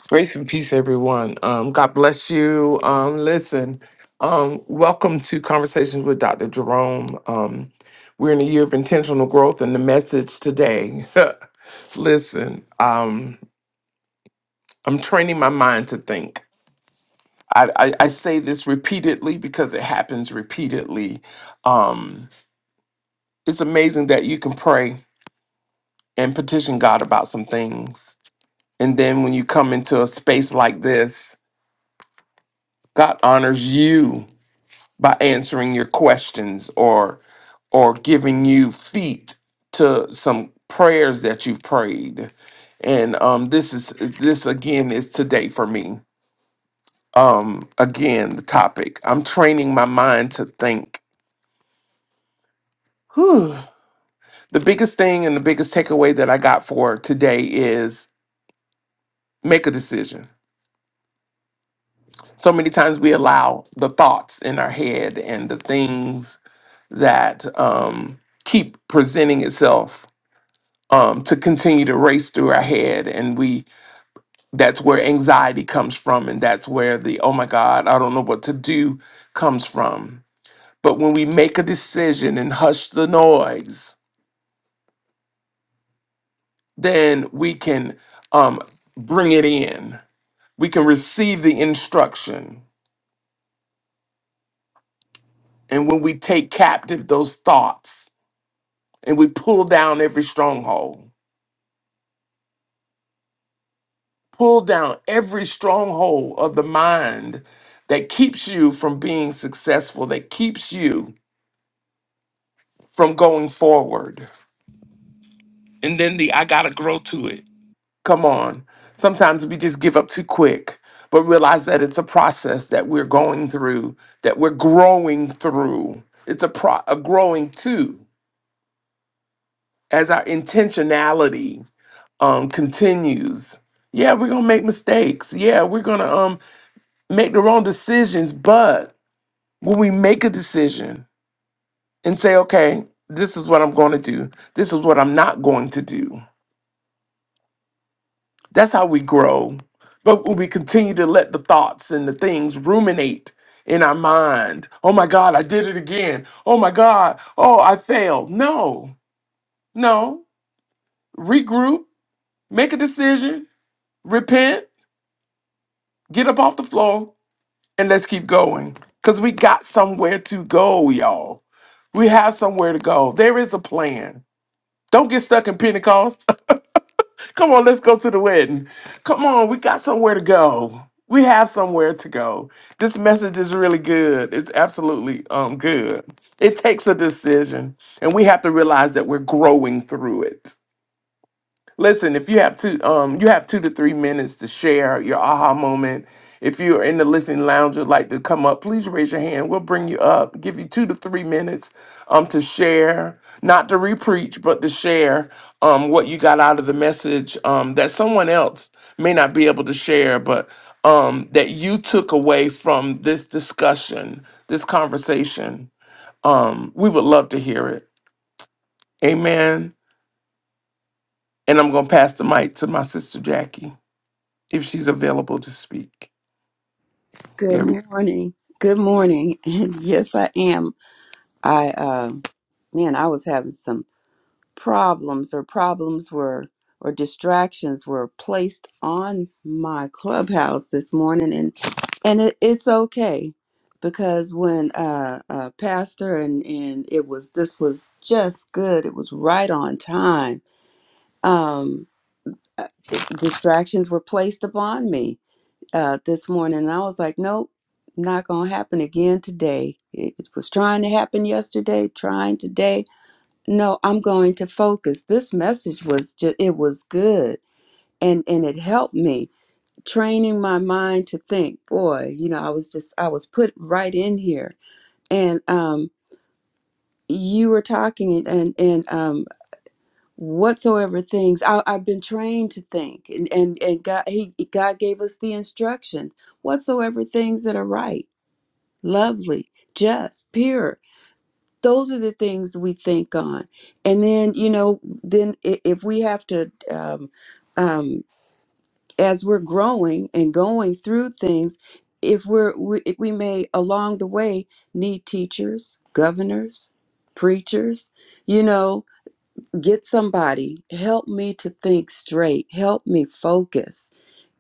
A: Grace and peace, everyone. Um, God bless you. Um, listen, um, welcome to Conversations with Dr. Jerome. Um, we're in a year of intentional growth, and the message today listen, um, I'm training my mind to think. I, I, I say this repeatedly because it happens repeatedly. Um, it's amazing that you can pray and petition God about some things. And then when you come into a space like this, God honors you by answering your questions or or giving you feet to some prayers that you've prayed. And um this is this again is today for me. Um again the topic. I'm training my mind to think. Whew. The biggest thing and the biggest takeaway that I got for today is make a decision. So many times we allow the thoughts in our head and the things that um, keep presenting itself um, to continue to race through our head and we that's where anxiety comes from and that's where the oh my god i don't know what to do comes from but when we make a decision and hush the noise then we can um, bring it in we can receive the instruction and when we take captive those thoughts and we pull down every stronghold Pull down every stronghold of the mind that keeps you from being successful, that keeps you from going forward. And then the I gotta grow to it. Come on. Sometimes we just give up too quick, but realize that it's a process that we're going through, that we're growing through. It's a, pro- a growing too as our intentionality um, continues. Yeah, we're gonna make mistakes. Yeah, we're gonna um, make the wrong decisions, but. when we make a decision and say, okay, this is what I'm going to do, this is what I'm not going to do. That's how we grow. But when we continue to let the thoughts and the things ruminate in our mind, oh my God, I did it again. Oh my God, oh, I failed. No, no. Regroup, make a decision, repent, get up off the floor, and let's keep going. Because we got somewhere to go, y'all. We have somewhere to go. There is a plan Don't get stuck in Pentecost. Come on, let's go to the wedding. Come on, we got somewhere to go. We have somewhere to go. This message is really good. It's absolutely um good. It takes a decision, and we have to realize that we're growing through it. Listen, if you have two, um, you have two to three minutes to share your aha moment. If you're in the listening lounge and like to come up, please raise your hand. We'll bring you up. Give you two to three minutes, um, to share, not to repreach, but to share, um, what you got out of the message, um, that someone else may not be able to share, but um, that you took away from this discussion, this conversation. Um, we would love to hear it. Amen. And I'm gonna pass the mic to my sister Jackie. if she's available to speak.
E: Good
A: Yeah, we
E: morning. Good morning. And yes, I am. I, uh, man, I was having some problems, or problems were, or distractions were placed on my clubhouse this morning, and and it, it's okay because when uh, uh, Pastor and and it was this was just good. It was right on time. Um, uh, distractions were placed upon me uh, this morning. And I was like, nope, not going to happen again today. It, it was trying to happen yesterday, trying today. No, I'm going to focus. This message was just, it was good. And, and it helped me training my mind to think, boy, you know, I was just, I was put right in here. And, um, you were talking and, and, and um, whatsoever things I, I've been trained to think and, and, and God, he, God gave us the instructions, whatsoever things that are right lovely, just, pure. Those are the things we think on. And then, you know, then i- if we have to, um, um, as we're growing and going through things, if we're, we, we may along the way need teachers, governors, preachers, you know, get somebody, help me to think straight, help me focus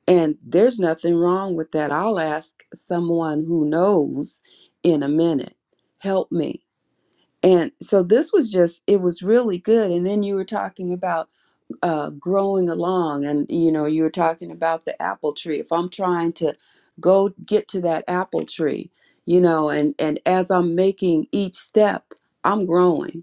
E: and there's nothing wrong with that. I'll ask someone who knows in a minute, help me. And so this was just, it was really good. And then you were talking about uh, growing along, and you know, you were talking about the apple tree. If I'm trying to go get to that apple tree, you know, and and as I'm making each step, I'm growing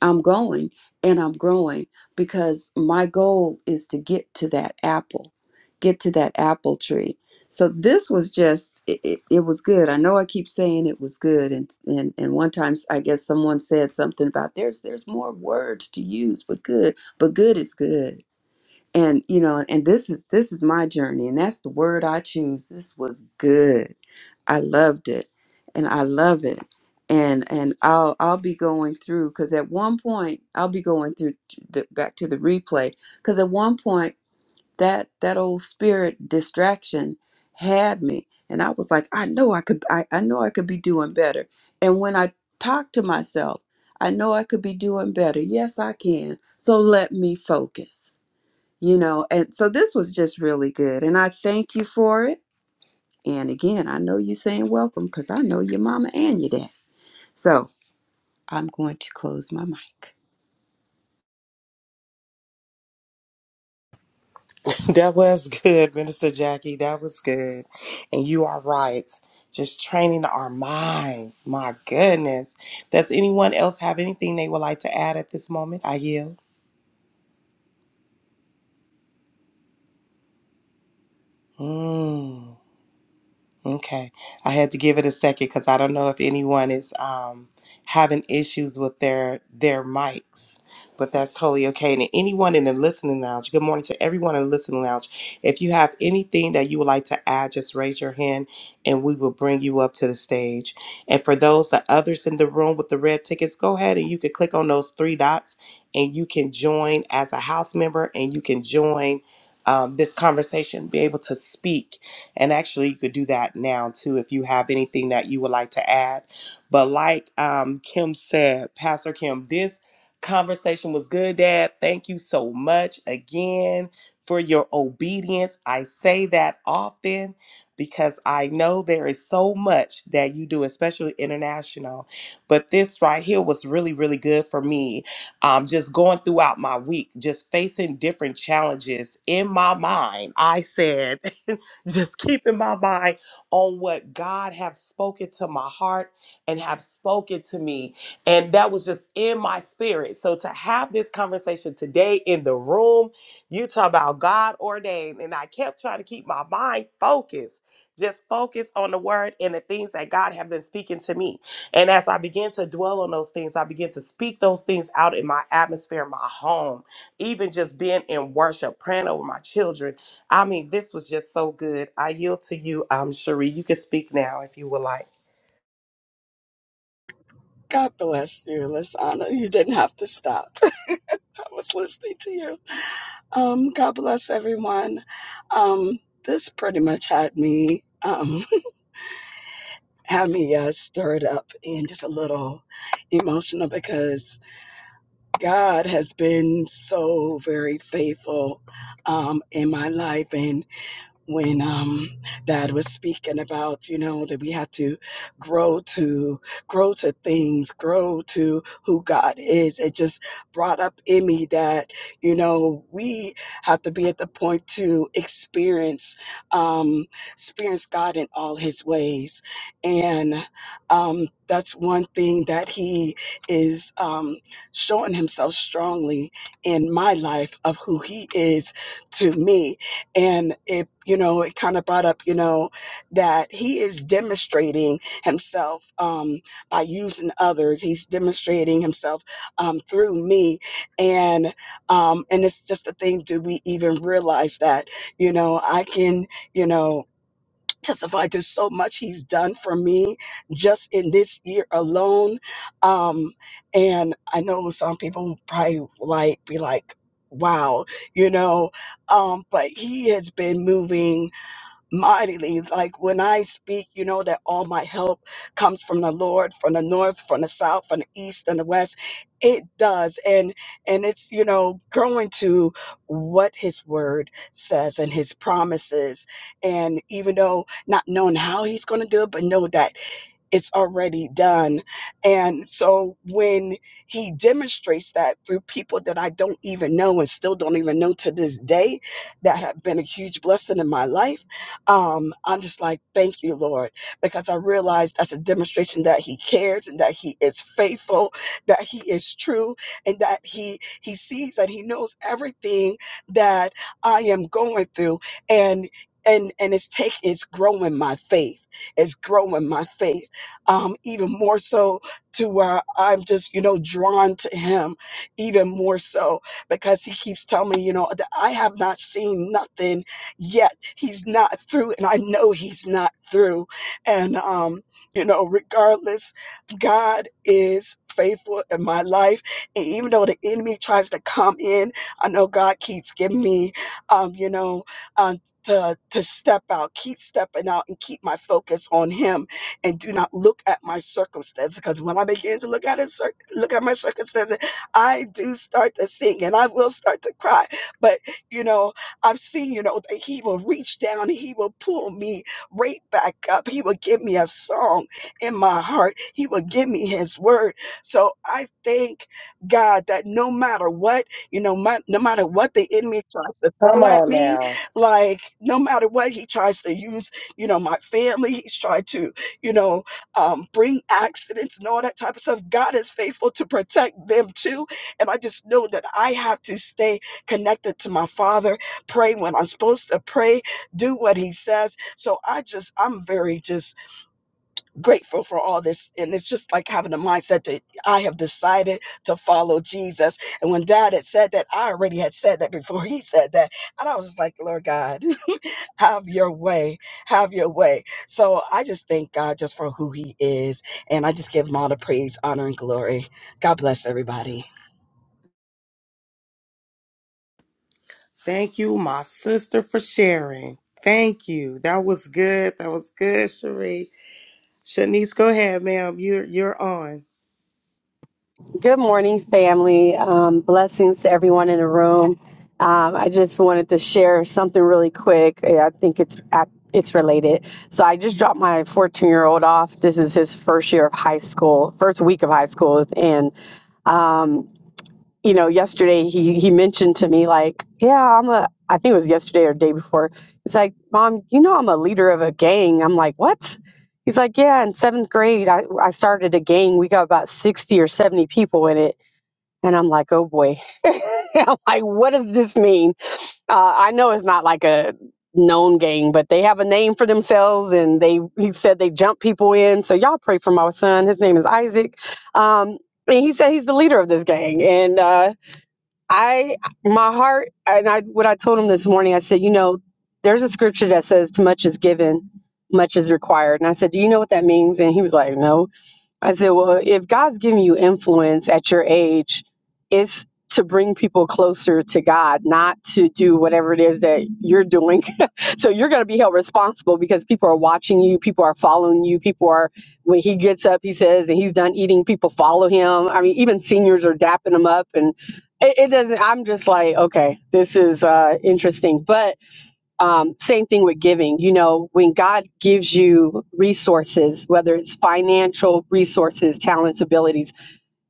E: I'm going and I'm growing because my goal is to get to that apple, get to that apple tree. So this was just it, it, it was good. I know I keep saying it was good and and and one time I guess someone said something about there's there's more words to use but good, but good is good. And you know, and this is this is my journey and that's the word I choose. This was good I loved it and I love it. And and I'll I'll be going through because at one point I'll be going through t- the, back to the replay because at one point that that old spirit distraction had me and I was like I know I could I, I know I could be doing better and when I talk to myself I know I could be doing better yes I can so let me focus you know and so this was just really good and I thank you for it and again, I know you're saying welcome because I know your mama and your dad. So I'm going to close my mic.
B: That was good, Minister Jackie. That was good, and you are right. Just training our minds. My goodness. Does anyone else have anything they would like to add at this moment? I yield. Mm. Okay. I had to give it a second because I don't know if anyone is um, having issues with their their mics, but that's totally okay. And anyone in the listening lounge, good morning to everyone in the listening lounge. If you have anything that you would like to add, just raise your hand and we will bring you up to the stage. And for those the others in the room with the red tickets, go ahead and you can click on those three dots and you can join as a house member and you can join um, this conversation, be able to speak and actually, you could do that now too if you have anything that you would like to add. But like um, Kim said, Pastor Kim, this conversation was good, Dad. Thank you so much again for your obedience. I say that often because I know there is so much that you do, especially international. But this right here was really, really good for me. Um, just going throughout my week, just facing different challenges in my mind. I said, just keeping my mind on what God have spoken to my heart and have spoken to me. And that was just in my spirit. So to have this conversation today in the room, you talk about God ordained. And I kept trying to keep my mind focused. Just focus on the word and the things that God have been speaking to me. And as I begin to dwell on those things, I begin to speak those things out in my atmosphere, in my home, even just being in worship, praying over my children I mean, this was just so good. I yield to you, um, Cherie. You can speak now if you would like.
F: God bless you, Lashana. You didn't have to stop. I was listening to you. Um, God bless everyone. Um, this pretty much had me um, had me uh, stirred up and just a little emotional because God has been so very faithful um, in my life, and. when um dad was speaking about you know that we have to grow to grow to things grow to who god is it just brought up in me that you know we have to be at the point to experience um experience god in all his ways and um that's one thing that he is um showing himself strongly in my life of who he is to me and it you know it kind of brought up you know that he is demonstrating himself um, by using others he's demonstrating himself um, through me and um, and it's just the thing do we even realize that you know i can you know testify to so much he's done for me just in this year alone. Um, and I know some people probably like be like, wow, you know, um, but he has been moving mightily. Like when I speak, you know that all my help comes from the Lord, from the north, from the south, from the east and the west. It does. And and it's, you know, growing to what his word says and his promises. And even though not knowing how he's gonna do it, but know that it's already done. And so when he demonstrates that through people that I don't even know and still don't even know to this day that have been a huge blessing in my life, um, I'm just like, thank you, Lord, because I realize that's a demonstration that he cares and that he is faithful, that he is true, and that he he sees and he knows everything that I am going through. And and and it's take it's growing my faith. It's growing my faith um, even more so to where I'm just, you know, drawn to him even more so because he keeps telling me, you know, that I have not seen nothing yet. He's not through, and I know he's not through. And, um, you know, regardless, God is faithful in my life. And even though the enemy tries to come in, I know God keeps giving me, um, you know, um, to, to step out, keep stepping out and keep my focus on Him and do not look at my circumstances. Because when I begin to look at it, cir- look at my circumstances, I do start to sing and I will start to cry. But you know, I've seen, you know, that He will reach down and He will pull me right back up. He will give me a song in my heart. He will give me His word. So I thank God that no matter what, you know, my, no matter what the enemy tries to
B: Come
F: throw at
B: on
F: me,
B: now.
F: like no matter what he tries to use, you know, my family, he's tried to you know, um, bring accidents and all that type of stuff. God is faithful to protect them too. And I just know that I have to stay connected to my Father, pray when I'm supposed to pray, do what He says. So I just, I'm very just grateful for all this. And it's just like having a mindset that I have decided to follow Jesus. And when Dad had said that, I already had said that before he said that. And I was just like, Lord God. Have your way. Have your way. So I just thank God just for who he is. And I just give him all the praise, honor, and glory. God bless everybody.
B: Thank you, my sister, for sharing. Thank you. That was good. That was good, Cherie. Shanice, go ahead, ma'am. You're you're on.
G: Good morning, family. Um, blessings to everyone in the room. Um, I just wanted to share something really quick. Yeah, I think it's it's related. So I just dropped my 14 year old off. This is his first year of high school, first week of high school, and um, you know, yesterday he he mentioned to me like, yeah, I'm a. I think it was yesterday or day before. He's like, Mom, you know I'm a leader of a gang. I'm like, what? He's like, yeah, in seventh grade, I, I started a gang. We got about 60 or 70 people in it and I'm like, oh boy. I'm like, what does this mean? Uh, I know it's not like a known gang, but they have a name for themselves and they he said they jump people in. So y'all pray for my son. His name is Isaac. Um and he said he's the leader of this gang. And uh I my heart and I what I told him this morning, I said, you know, there's a scripture that says too much is given, much is required. And I said, Do you know what that means? And he was like, No. I said, well, if God's giving you influence at your age, it's to bring people closer to God, not to do whatever it is that you're doing. so you're going to be held responsible because people are watching you, people are following you, people are, when he gets up, he says, and he's done eating, people follow him. I mean, even seniors are dapping him up. And it, it doesn't, I'm just like, okay, this is uh, interesting. But um, same thing with giving. You know, when God gives you resources, whether it's financial resources, talents, abilities,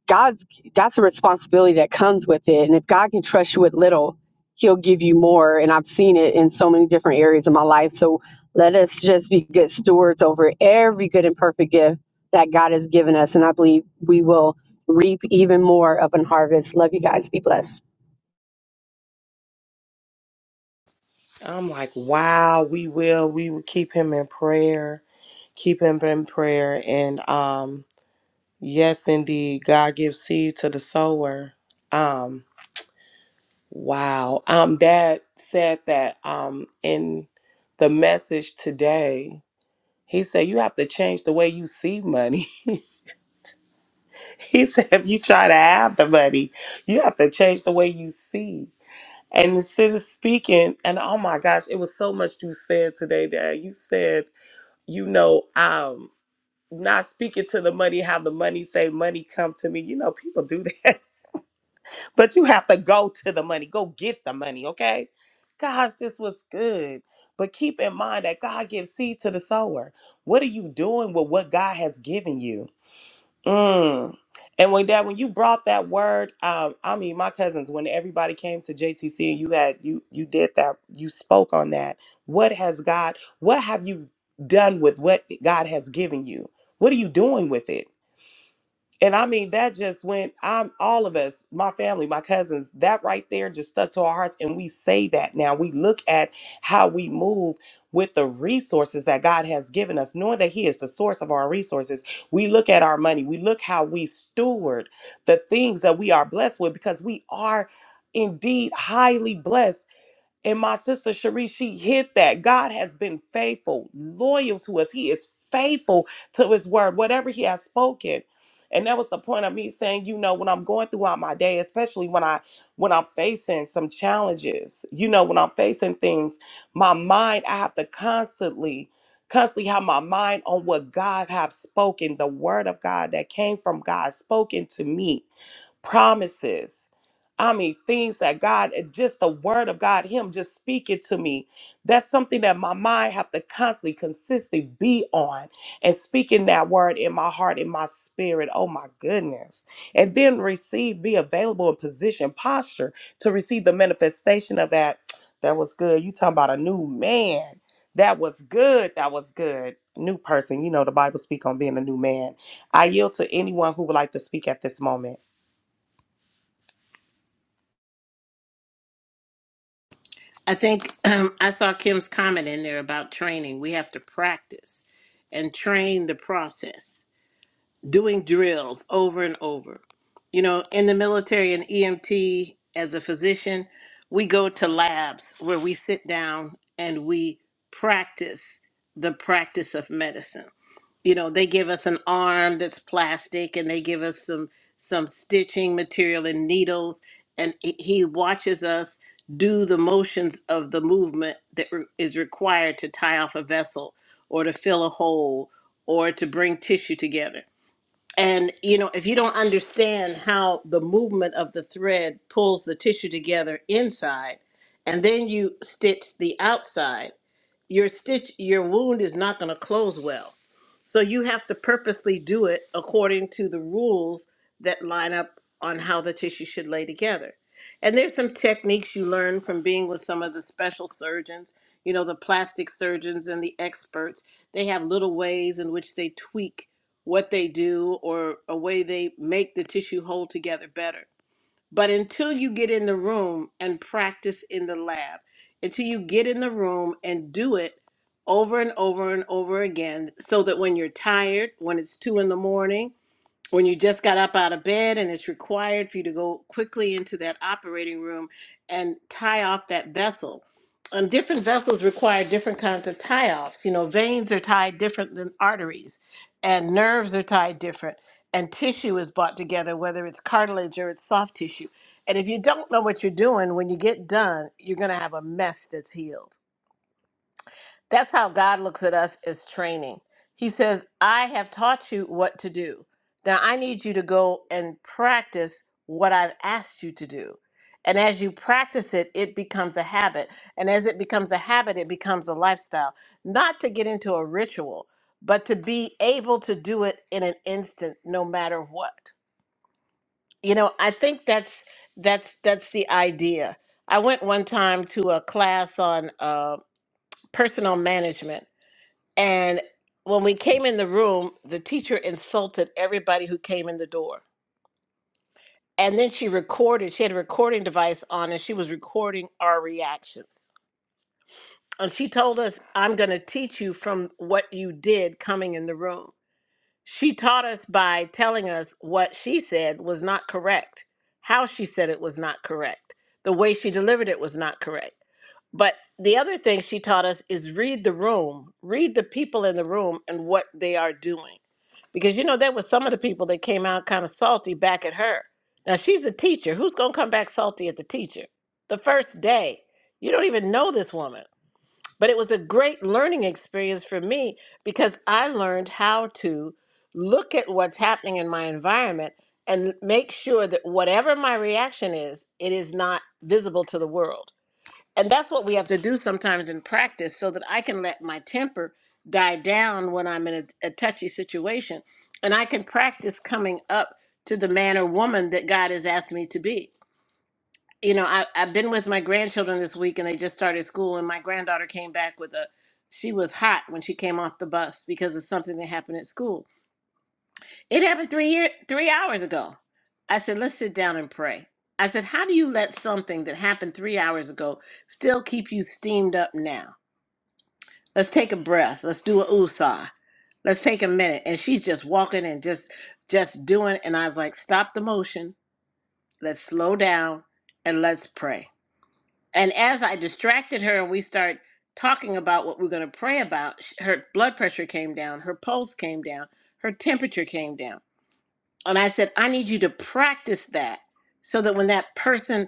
G: God's that's a responsibility that comes with it. And if God can trust you with little, He'll give you more. And I've seen it in so many different areas of my life. So let us just be good stewards over every good and perfect gift that God has given us. And I believe we will reap even more of an harvest. Love you guys. Be blessed.
B: I'm like, wow, we will. We will keep him in prayer. Keep him in prayer. And um, yes, indeed, God gives seed to the sower. Um. Wow. Um, Dad said that um, in the message today, he said, You have to change the way you see money. he said, If you try to have the money, you have to change the way you see. And instead of speaking, and oh my gosh, it was so much you said today, Dad. You said, You know, um, not speaking to the money, how the money say, Money come to me. You know, people do that. But you have to go to the money, go get the money, okay? Gosh, this was good. But keep in mind that God gives seed to the sower. What are you doing with what God has given you? Mm. And when that, when you brought that word, um, I mean, my cousins, when everybody came to JTC and you had you you did that, you spoke on that. What has God? What have you done with what God has given you? What are you doing with it? And I mean, that just went, I'm all of us, my family, my cousins, that right there just stuck to our hearts. And we say that now. We look at how we move with the resources that God has given us, knowing that He is the source of our resources. We look at our money, we look how we steward the things that we are blessed with because we are indeed highly blessed and my sister Cherie, she hit that. God has been faithful, loyal to us. He is faithful to his word, whatever he has spoken. And that was the point of me saying, you know, when I'm going throughout my day, especially when I when I'm facing some challenges, you know, when I'm facing things, my mind, I have to constantly, constantly have my mind on what God have spoken, the word of God that came from God spoken to me promises. I mean, things that God, uh, just the word of God, Him just speaking to me. That's something that my mind have to constantly, consistently be on and speaking that word in my heart, in my spirit. Oh my goodness. And then receive, be available in position, posture to receive the manifestation of that. That was good. You talking about a new man. That was good. That was good. New person. You know, the Bible speak on being a new man. I yield to anyone who would like to speak at this moment.
C: I think um, I saw Kim's comment in there about training. We have to practice and train the process, doing drills over and over. You know, in the military and EMT, as a physician, we go to labs where we sit down and we practice the practice of medicine. you know they give us an arm that's plastic and they give us some some stitching material and needles and he he watches us do the motions of the movement that re- is required to tie off a vessel or to fill a hole or to bring tissue together and you know if you don't understand how the movement of the thread pulls the tissue together inside and then you stitch the outside your stitch your wound is not going to close well so you have to purposely do it according to the rules that line up on how the tissue should lay together. And there's some techniques you learn from being with some of the special surgeons, you know, the plastic surgeons and the experts. They have little ways in which they tweak what they do or a way they make the tissue hold together better. But until you get in the room and practice in the lab, until you get in the room and do it over and over and over again, so that when you're tired, when it's two in the morning, when you just got up out of bed and it's required for you to go quickly into that operating room and tie off that vessel. And different vessels require different kinds of tie offs. You know, veins are tied different than arteries, and nerves are tied different, and tissue is brought together, whether it's cartilage or it's soft tissue. And if you don't know what you're doing, when you get done, you're going to have a mess that's healed. That's how God looks at us as training. He says, I have taught you what to do. Now I need you to go and practice what I've asked you to do. And as you practice it, it becomes a habit. And as it becomes a habit, it becomes a lifestyle. Not to get into a ritual, but to be able to do it in an instant, no matter what. You know, I think that's that's that's the idea. I went one time to a class on uh, personal management and when we came in the room, the teacher insulted everybody who came in the door. And then she recorded, she had a recording device on and she was recording our reactions. And she told us, I'm going to teach you from what you did coming in the room. She taught us by telling us what she said was not correct, how she said it was not correct, the way she delivered it was not correct. But the other thing she taught us is read the room, read the people in the room and what they are doing. Because, you know, there were some of the people that came out kind of salty back at her. Now, she's a teacher. Who's going to come back salty at the teacher? The first day. You don't even know this woman but it was a great learning experience for me because I learned how to look at what's happening in my environment and make sure that whatever my reaction is, it is not visible to the world. And that's what we have to do sometimes in practice so that I can let my temper die down when I'm in a, a touchy situation and I can practice coming up to the man or woman that God has asked me to be you know, I, I've been with my grandchildren this week and they just started school and my granddaughter came back with a she was hot when she came off the bus because of something that happened at school. It happened three year three hours ago. I said, let's sit down and pray. I said, how do you let something that happened three hours ago still keep you steamed up now? Let's take a breath. Let's do a usah. Let's take a minute. And she's just walking and just just doing. And I was like, stop the motion. Let's slow down and let's pray. And as I distracted her and we start talking about what we're going to pray about, sh- her blood pressure came down, her pulse came down, her temperature came down. And I said, I need you to practice that so that when that person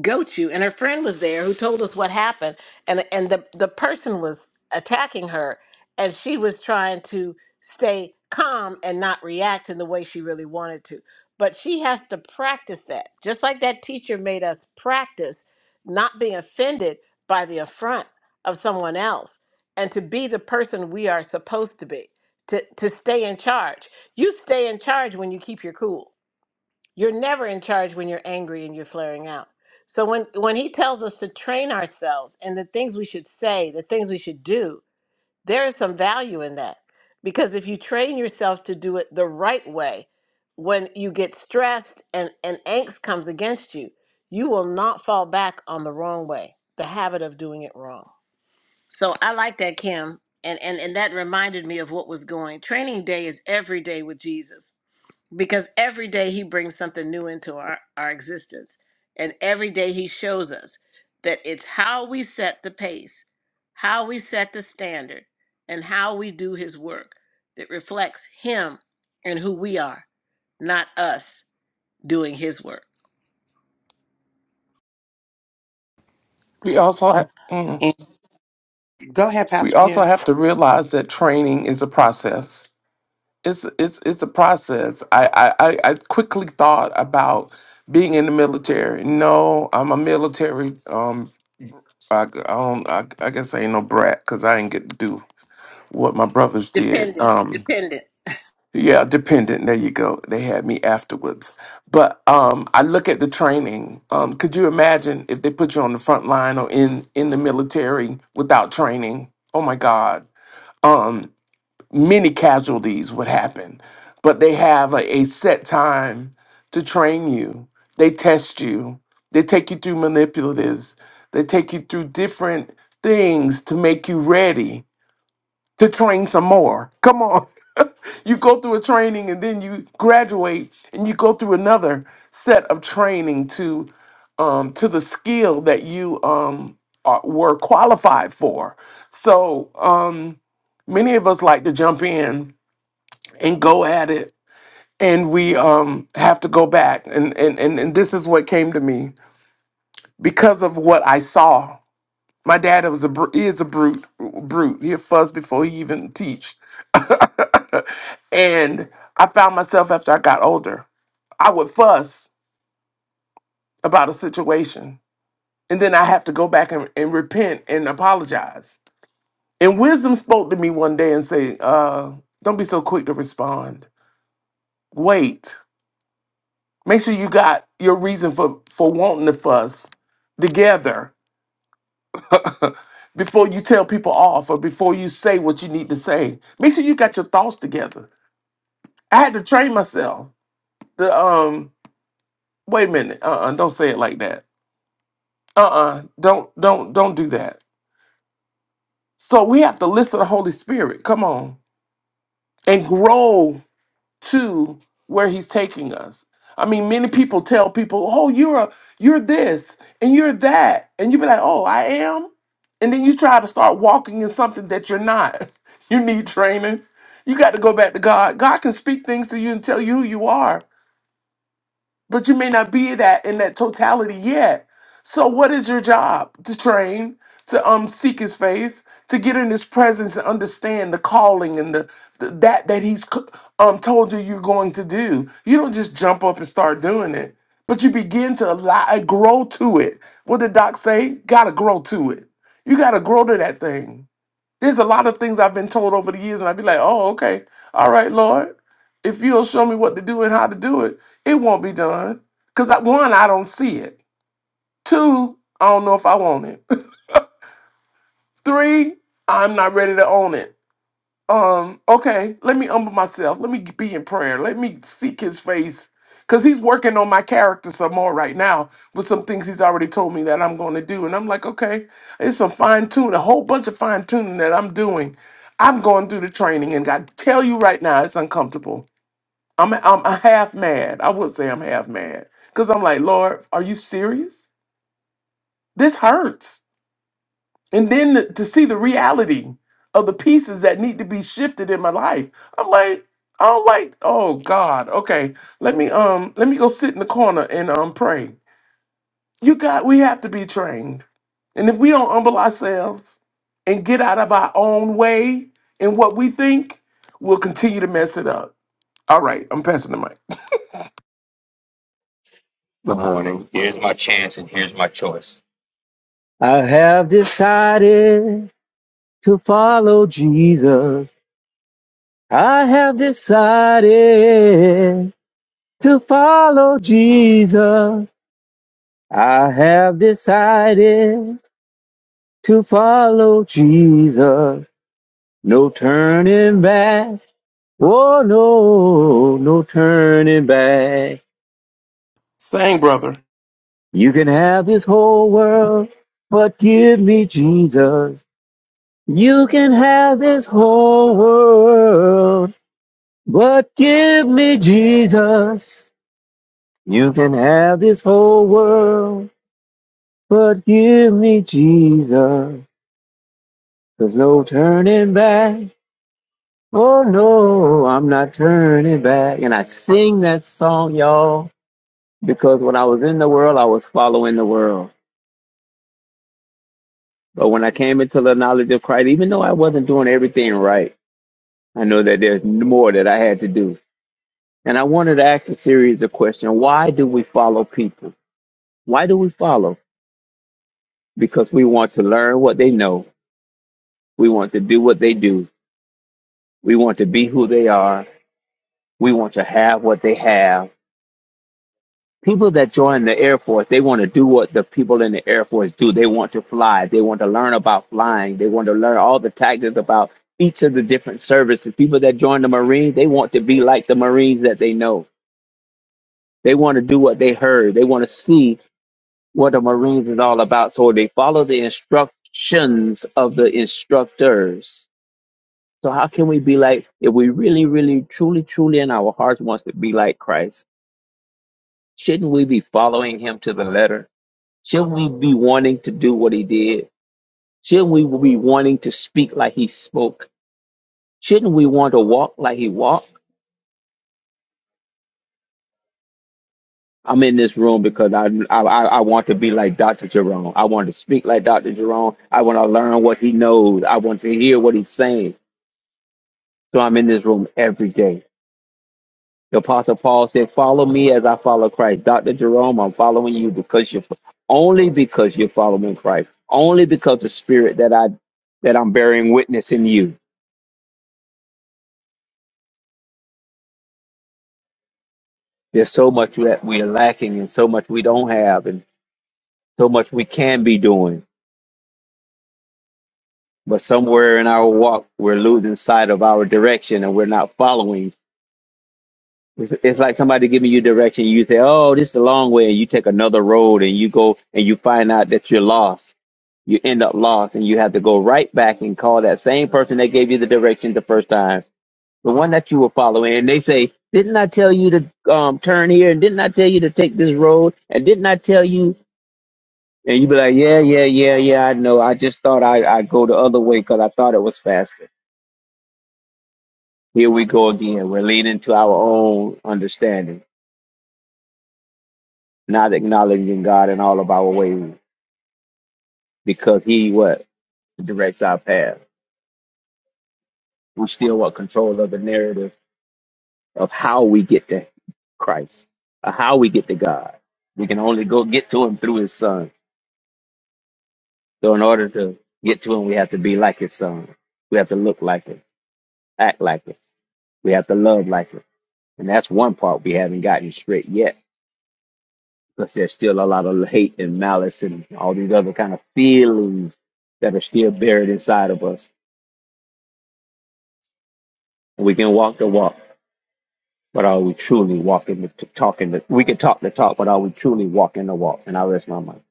C: goat you and her friend was there who told us what happened and and the the person was attacking her and she was trying to stay calm and not react in the way she really wanted to but she has to practice that just like that teacher made us practice not being offended by the affront of someone else and to be the person we are supposed to be to to stay in charge you stay in charge when you keep your cool you're never in charge when you're angry and you're flaring out. So when when he tells us to train ourselves and the things we should say, the things we should do, there is some value in that. Because if you train yourself to do it the right way, when you get stressed and and angst comes against you, you will not fall back on the wrong way, the habit of doing it wrong. So I like that Kim and and and that reminded me of what was going. Training day is every day with Jesus because every day he brings something new into our, our existence and every day he shows us that it's how we set the pace how we set the standard and how we do his work that reflects him and who we are not us doing his work
A: we also have,
B: Go ahead,
A: we
B: Pastor
A: also
B: Kim.
A: have to realize that training is a process. It's it's it's a process. I I I I quickly thought about being in the military. No, I'm a military. Um, I, g- I don't. I, I guess I ain't no brat because I didn't get to do what my brothers did.
C: dependent
A: Um,
C: dependent
A: Yeah, dependent. There you go. They had me afterwards. But um I look at the training. Um could you imagine if they put you on the front line or in in the military without training? Oh my god. Um many casualties would happen. But they have a, a set time to train you. They test you. They take you through manipulatives. They take you through different things to make you ready to train some more. Come on. you go through a training and then you graduate and you go through another set of training to um to the skill that you um are, were qualified for. So, um many of us like to jump in and go at it and we um have to go back and and and, and this is what came to me because of what I saw my dad was a br- he is a brute brute. He'll fuss before he even teach. and I found myself after I got older, I would fuss about a situation, and then I have to go back and, and repent and apologize. And wisdom spoke to me one day and said, uh, "Don't be so quick to respond. Wait. Make sure you got your reason for for wanting to fuss together before you tell people off or before you say what you need to say. Make sure you got your thoughts together. I had to train myself. The um wait a minute. Uh, Uh-uh, don't say it like that. Uh, Uh-uh. uh, Don't don't don't do that. So we have to listen to the Holy Spirit. Come on. And grow to where he's taking us. I mean, many people tell people, "Oh, you're a, you're this and you're that," and you be like, "Oh, I am," and then you try to start walking in something that you're not. You need training. You got to go back to God. God can speak things to you and tell you who you are but you may not be that in that totality yet. So what is your job? To train, to um seek his face, to get in his presence and understand the calling and the, the that that he's c- um told you you're going to do. You don't just jump up and start doing it, but you begin to allow grow to it. What did Doc say? Gotta grow to it. You gotta grow to that thing. There's a lot of things I've been told over the years, and I'd be like, oh, okay. All right, Lord. If you'll show me what to do and how to do it, it won't be done. Because one, I don't see it. Two, I don't know if I want it. Three, I'm not ready to own it um okay let me humble myself let me be in prayer let me seek his face because he's working on my character some more right now with some things he's already told me that i'm going to do and i'm like okay it's some fine-tune a whole bunch of fine-tuning that i'm doing i'm going through the training and i tell you right now it's uncomfortable i'm i'm half mad i would say i'm half mad because i'm like lord are you serious this hurts and then to see the reality of the pieces that need to be shifted in my life. I'm like, I don't like, oh God, okay. Let me um let me go sit in the corner and um pray. You got we have to be trained. And if we don't humble ourselves and get out of our own way and what we think, we'll continue to mess it up. All right, I'm passing the mic.
H: Good morning. Here's my chance and here's my choice. I have decided to follow Jesus. I have decided to follow Jesus. I have decided to follow Jesus. No turning back. Oh no, no turning back.
A: Sang brother.
H: You can have this whole world, but give me Jesus. You can have this whole world, but give me Jesus. You can have this whole world, but give me Jesus. There's no turning back. Oh no, I'm not turning back. And I sing that song, y'all, because when I was in the world, I was following the world. But when I came into the knowledge of Christ, even though I wasn't doing everything right, I know that there's more that I had to do. And I wanted to ask a series of questions. Why do we follow people? Why do we follow? Because we want to learn what they know. We want to do what they do. We want to be who they are. We want to have what they have. People that join the Air Force, they want to do what the people in the Air Force do. They want to fly. They want to learn about flying. They want to learn all the tactics about each of the different services. People that join the Marines, they want to be like the Marines that they know. They want to do what they heard. They want to see what the Marines is all about. So they follow the instructions of the instructors. So how can we be like if we really, really, truly, truly in our hearts wants to be like Christ? Shouldn't we be following him to the letter? Shouldn't we be wanting to do what he did? Shouldn't we be wanting to speak like he spoke? Shouldn't we want to walk like he walked? I'm in this room because I, I I I want to be like Dr. Jerome. I want to speak like Dr. Jerome. I want to learn what he knows. I want to hear what he's saying. So I'm in this room every day. The Apostle Paul said, Follow me as I follow Christ. Dr. Jerome, I'm following you because you're only because you're following Christ. Only because the spirit that I that I'm bearing witness in you. There's so much that we're lacking and so much we don't have and so much we can be doing. But somewhere in our walk we're losing sight of our direction and we're not following It's, it's like somebody giving you direction. You say, "Oh, this is a long way," and you take another road, and you go and you find out that you're lost. You end up lost, and you have to go right back and call that same person that gave you the direction the first time, the one that you were following. And they say, "Didn't I tell you to um, turn here? And didn't I tell you to take this road? And didn't I tell you?" And you be like, "Yeah, yeah, yeah, yeah. I know. I just thought I I'd go the other way because I thought it was faster." Here we go again. We're leaning to our own understanding not acknowledging God in all of our ways because He what directs our path. We still want control of the narrative of how we get to Christ, or how we get to God. We can only go get to Him through His Son. So in order to get to Him, we have to be like His Son. We have to look like Him, act like Him. We have to love like Him, and that's one part we haven't gotten straight yet. Because there's still a lot of hate and malice and all these other kind of feelings that are still buried inside of us We can walk the walk, but are we truly walking the t- talking the? We can talk the talk, but are we truly walking the walk? And I rest my mind.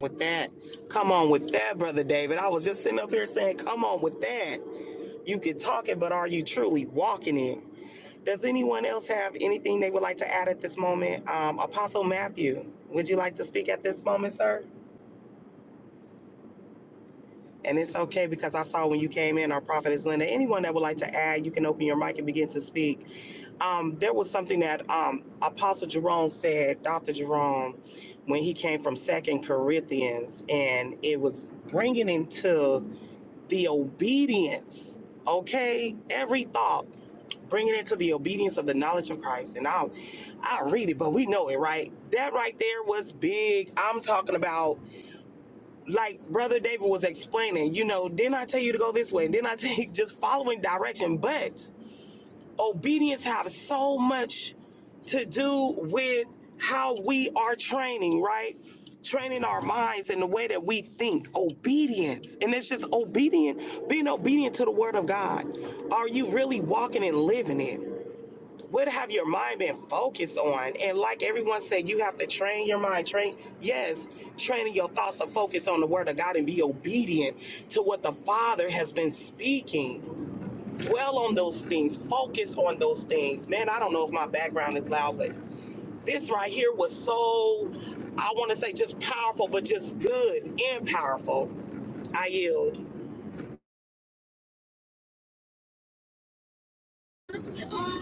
B: with that. Come on with that, brother David. I was just sitting up here saying, come on with that. You can talk it, but are you truly walking it? Does anyone else have anything they would like to add at this moment? Um, Apostle Matthew, would you like to speak at this moment, sir? And it's okay because I saw when you came in, our prophet is Linda. Anyone that would like to add, you can open your mic and begin to speak. Um, there was something that um, Apostle Jerome said, Dr. Jerome, when he came from Second Corinthians, and it was bringing into the obedience, okay? Every thought, bringing it into the obedience of the knowledge of Christ. And I'll, I'll read it, but we know it, right? That right there was big. I'm talking about like brother David was explaining, you know, didn't I tell you to go this way? Didn't I take just following direction? But obedience has so much to do with how we are training, right? Training our minds in the way that we think, obedience. And it's just obedient, being obedient to the word of God. Are you really walking and living it? what have your mind been focused on? And like everyone said, you have to train your mind. Train, yes, training your thoughts to focus on the word of God and be obedient to what the Father has been speaking. Dwell on those things, focus on those things. Man, I don't know if my background is loud, but this right here was so, I want to say just powerful, but just good and powerful. I yield.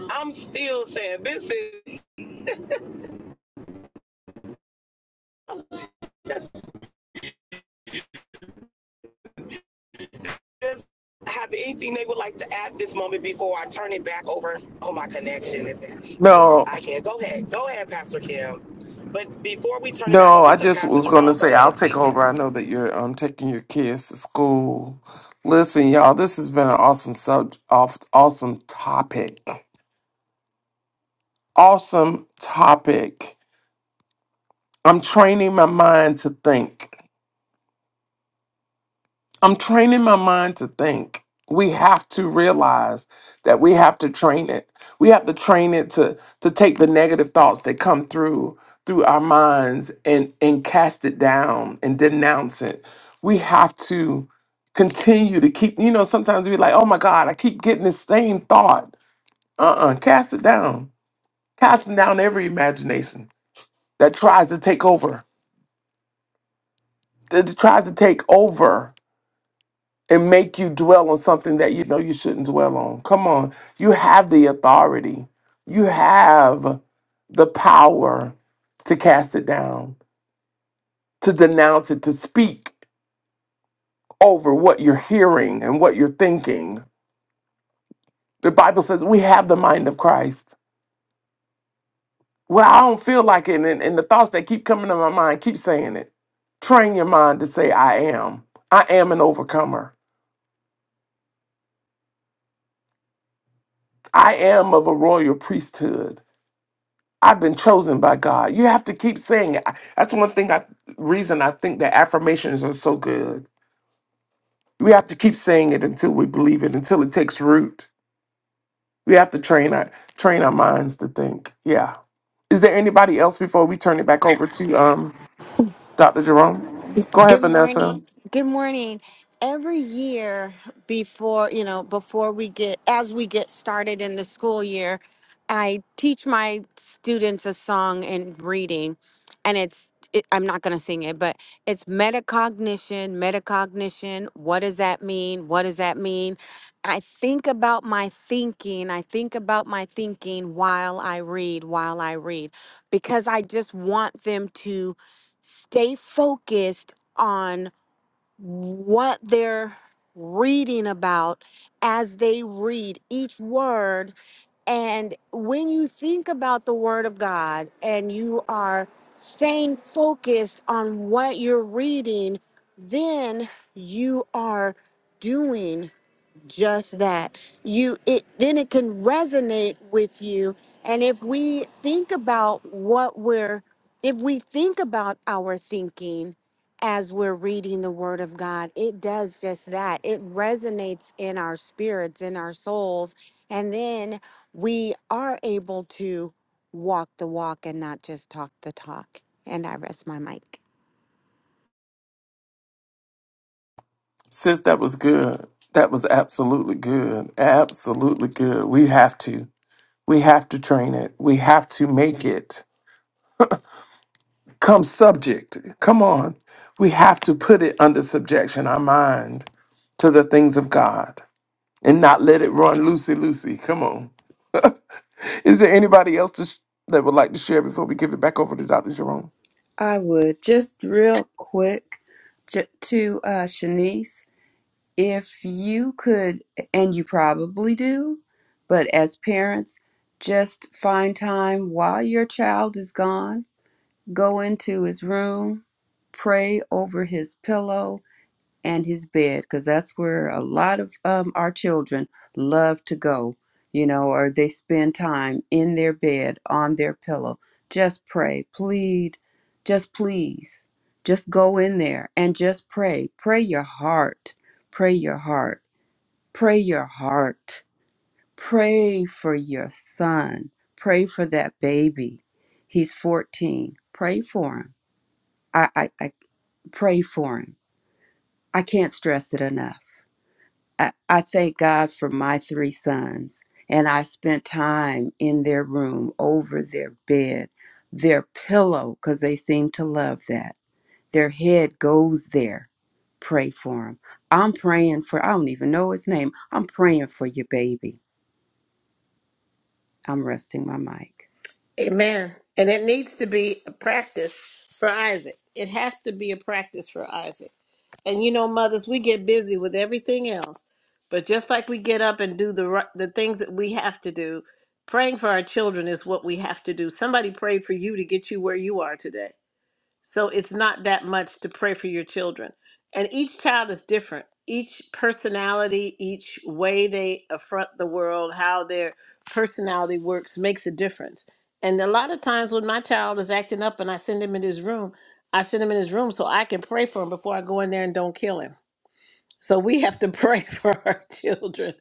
B: I'm still saying this is yes. does have anything they would like to add this moment before I turn it back over? Oh, my connection is bad.
A: No.
B: I can't. Go ahead. Go ahead, Pastor Kim. But before we turn it back
A: No,
B: over
A: I
B: to
A: just
B: Pastor
A: was going to
B: Jerome, go
A: say
B: ahead
A: I'll
B: and
A: take
B: speak. Kim.
A: over. I know that you're um taking your kids to school. Listen, y'all, this has been an awesome sub off awesome topic. Awesome topic. I'm training my mind to think. I'm training my mind to think. We have to realize that we have to train it. We have to train it to to take the negative thoughts that come through through our minds and and cast it down and denounce it. We have to continue to keep you know sometimes we're like, "Oh my god, I keep getting the same thought." Uh-uh, cast it down. Casting down every imagination that tries to take over. That tries to take over and make you dwell on something that you know you shouldn't dwell on. Come on. You have the authority, you have the power to cast it down, to denounce it, to speak over what you're hearing and what you're thinking. The Bible says we have the mind of Christ. Well, I don't feel like it. And, and the thoughts that keep coming to my mind keep saying it. Train your mind to say, I am. I am an overcomer. I am of a royal priesthood. I've been chosen by God. You have to keep saying it. I- That's one thing I reason I think that affirmations are so good. We have to keep saying it until we believe it, until it takes root. We have to train our train our minds to think. Yeah. Is there anybody else before we turn it back over to um Dr. Jerome? Go ahead,
I: Good
A: Vanessa.
I: morning. Good morning. Every year before, you know, before we get, as we get started in the school year, I teach my students a song in reading, and it's, it, I'm not going to sing it, but it's metacognition, metacognition. What does that mean? What does that mean? I think about my thinking. I think about my thinking while I read, while I read, because I just want them to stay focused on what they're reading about as they read each word. And when you think about the Word of God and you are staying focused on what you're reading, then you are doing just that you it then it can resonate with you and if we think about what we're if we think about our thinking as we're reading the word of god it does just that it resonates in our spirits in our souls and then we are able to walk the walk and not just talk the talk and i rest my mic
A: Sis, that was good. That was absolutely good. Absolutely good. We have to. We have to train it. We have to make it. come subject. Come on. We have to put it under subjection, our mind, to the things of God and not let it run loosey loosey. Come on. Is there anybody else to sh- that would like to share before we give it back over to Dr. Jerome?
E: I would just real quick ju- to uh, Shanice, if you could, and you probably do, but as parents, just find time while your child is gone, go into his room, pray over his pillow, and his bed because that's where a lot of um, our children love to go you know or they spend time in their bed on their pillow just pray plead just please just go in there and just pray pray your heart pray your heart pray your heart pray for your son pray for that baby he's 14 pray for him i i, I pray for him i can't stress it enough I, I thank God for my three sons, and I spent time in their room, over their bed, their pillow, because they seem to love that. Their head goes there. Pray for him. I'm praying for, I don't even know his name. I'm praying for your baby. I'm resting my mic.
C: amen and it needs to be a practice for isaac it has to be a practice for isaac And you know, mothers, we get busy with everything else. But just like we get up and do the ri- the things that we have to do, praying for our children is what we have to do. Somebody prayed for you to get you where you are today. So it's not that much to pray for your children. And each child is different. Each personality, each way they affront the world, how their personality works makes a difference. And a lot of times when my child is acting up and I send him in his room, I send him in his room so I can pray for him before I go in there and don't kill him. So we have to pray for our children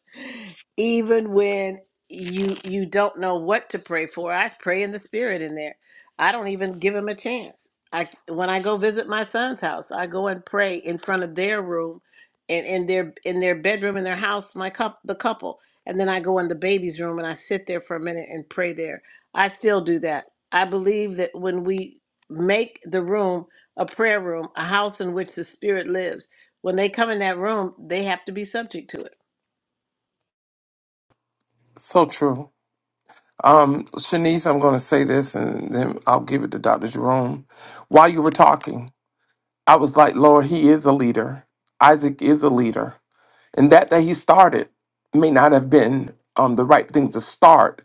C: even when you you don't know what to pray for i pray in the spirit in there i don't even give him a chance i when i go visit my son's house i go and pray in front of their room and in their in their bedroom in their house my cup the couple and then i go in the baby's room and i sit there for a minute and pray there i still do that i believe that when we make the room a prayer room a house in which the spirit lives when they come in that room they have to be subject to it
A: So true. Um, Shanice, I'm going to say this and then I'll give it to Dr. Jerome. While you were talking, I was like, Lord, he is a leader. Isaac is a leader. And that that he started may not have been um, the right thing to start,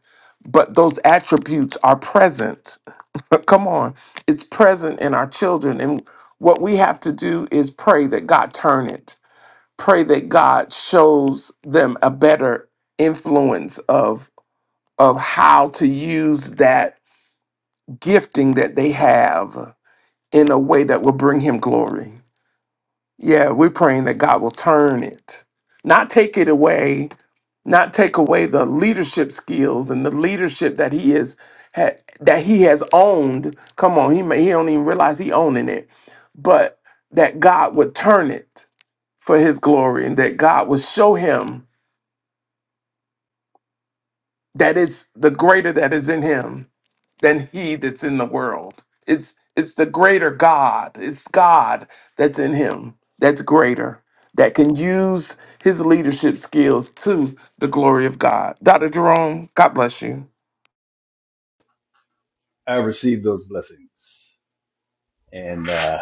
A: but those attributes are present. Come on. It's present in our children. And what we have to do is pray that God turn it. Pray that God shows them a better influence of of how to use that gifting that they have in a way that will bring him glory. Yeah, we're praying that God will turn it, not take it away, not take away the leadership skills and the leadership that he is ha, that he has owned. Come on, he may he don't even realize he owning it, but that God would turn it for his glory and that God would show him that it's the greater that is in him than he that's in the world. It's it's the greater God. It's God that's in him. That's greater. That can use his leadership skills to the glory of God. Dr. Jerome, God bless you.
D: I receive those blessings and uh,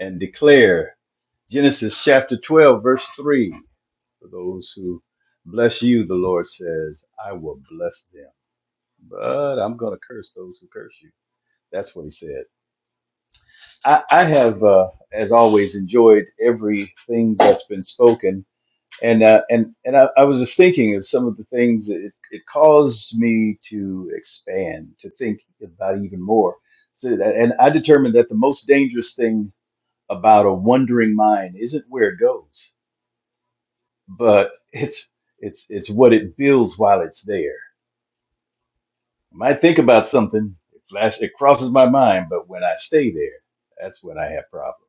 D: and declare Genesis chapter 12, verse 3. For those who bless you, the Lord says, I will bless them, but I'm going to curse those who curse you. That's what he said. I, I have, uh, as always, enjoyed everything that's been spoken. And, uh, and, and I, I was just thinking of some of the things that it, it caused me to expand, to think about even more. So, that- and I determined that the most dangerous thing about a wandering mind isn't where it goes but it's it's it's what it builds while it's there. I might think about something, it flash it crosses my mind, but when I stay there, that's when I have problems.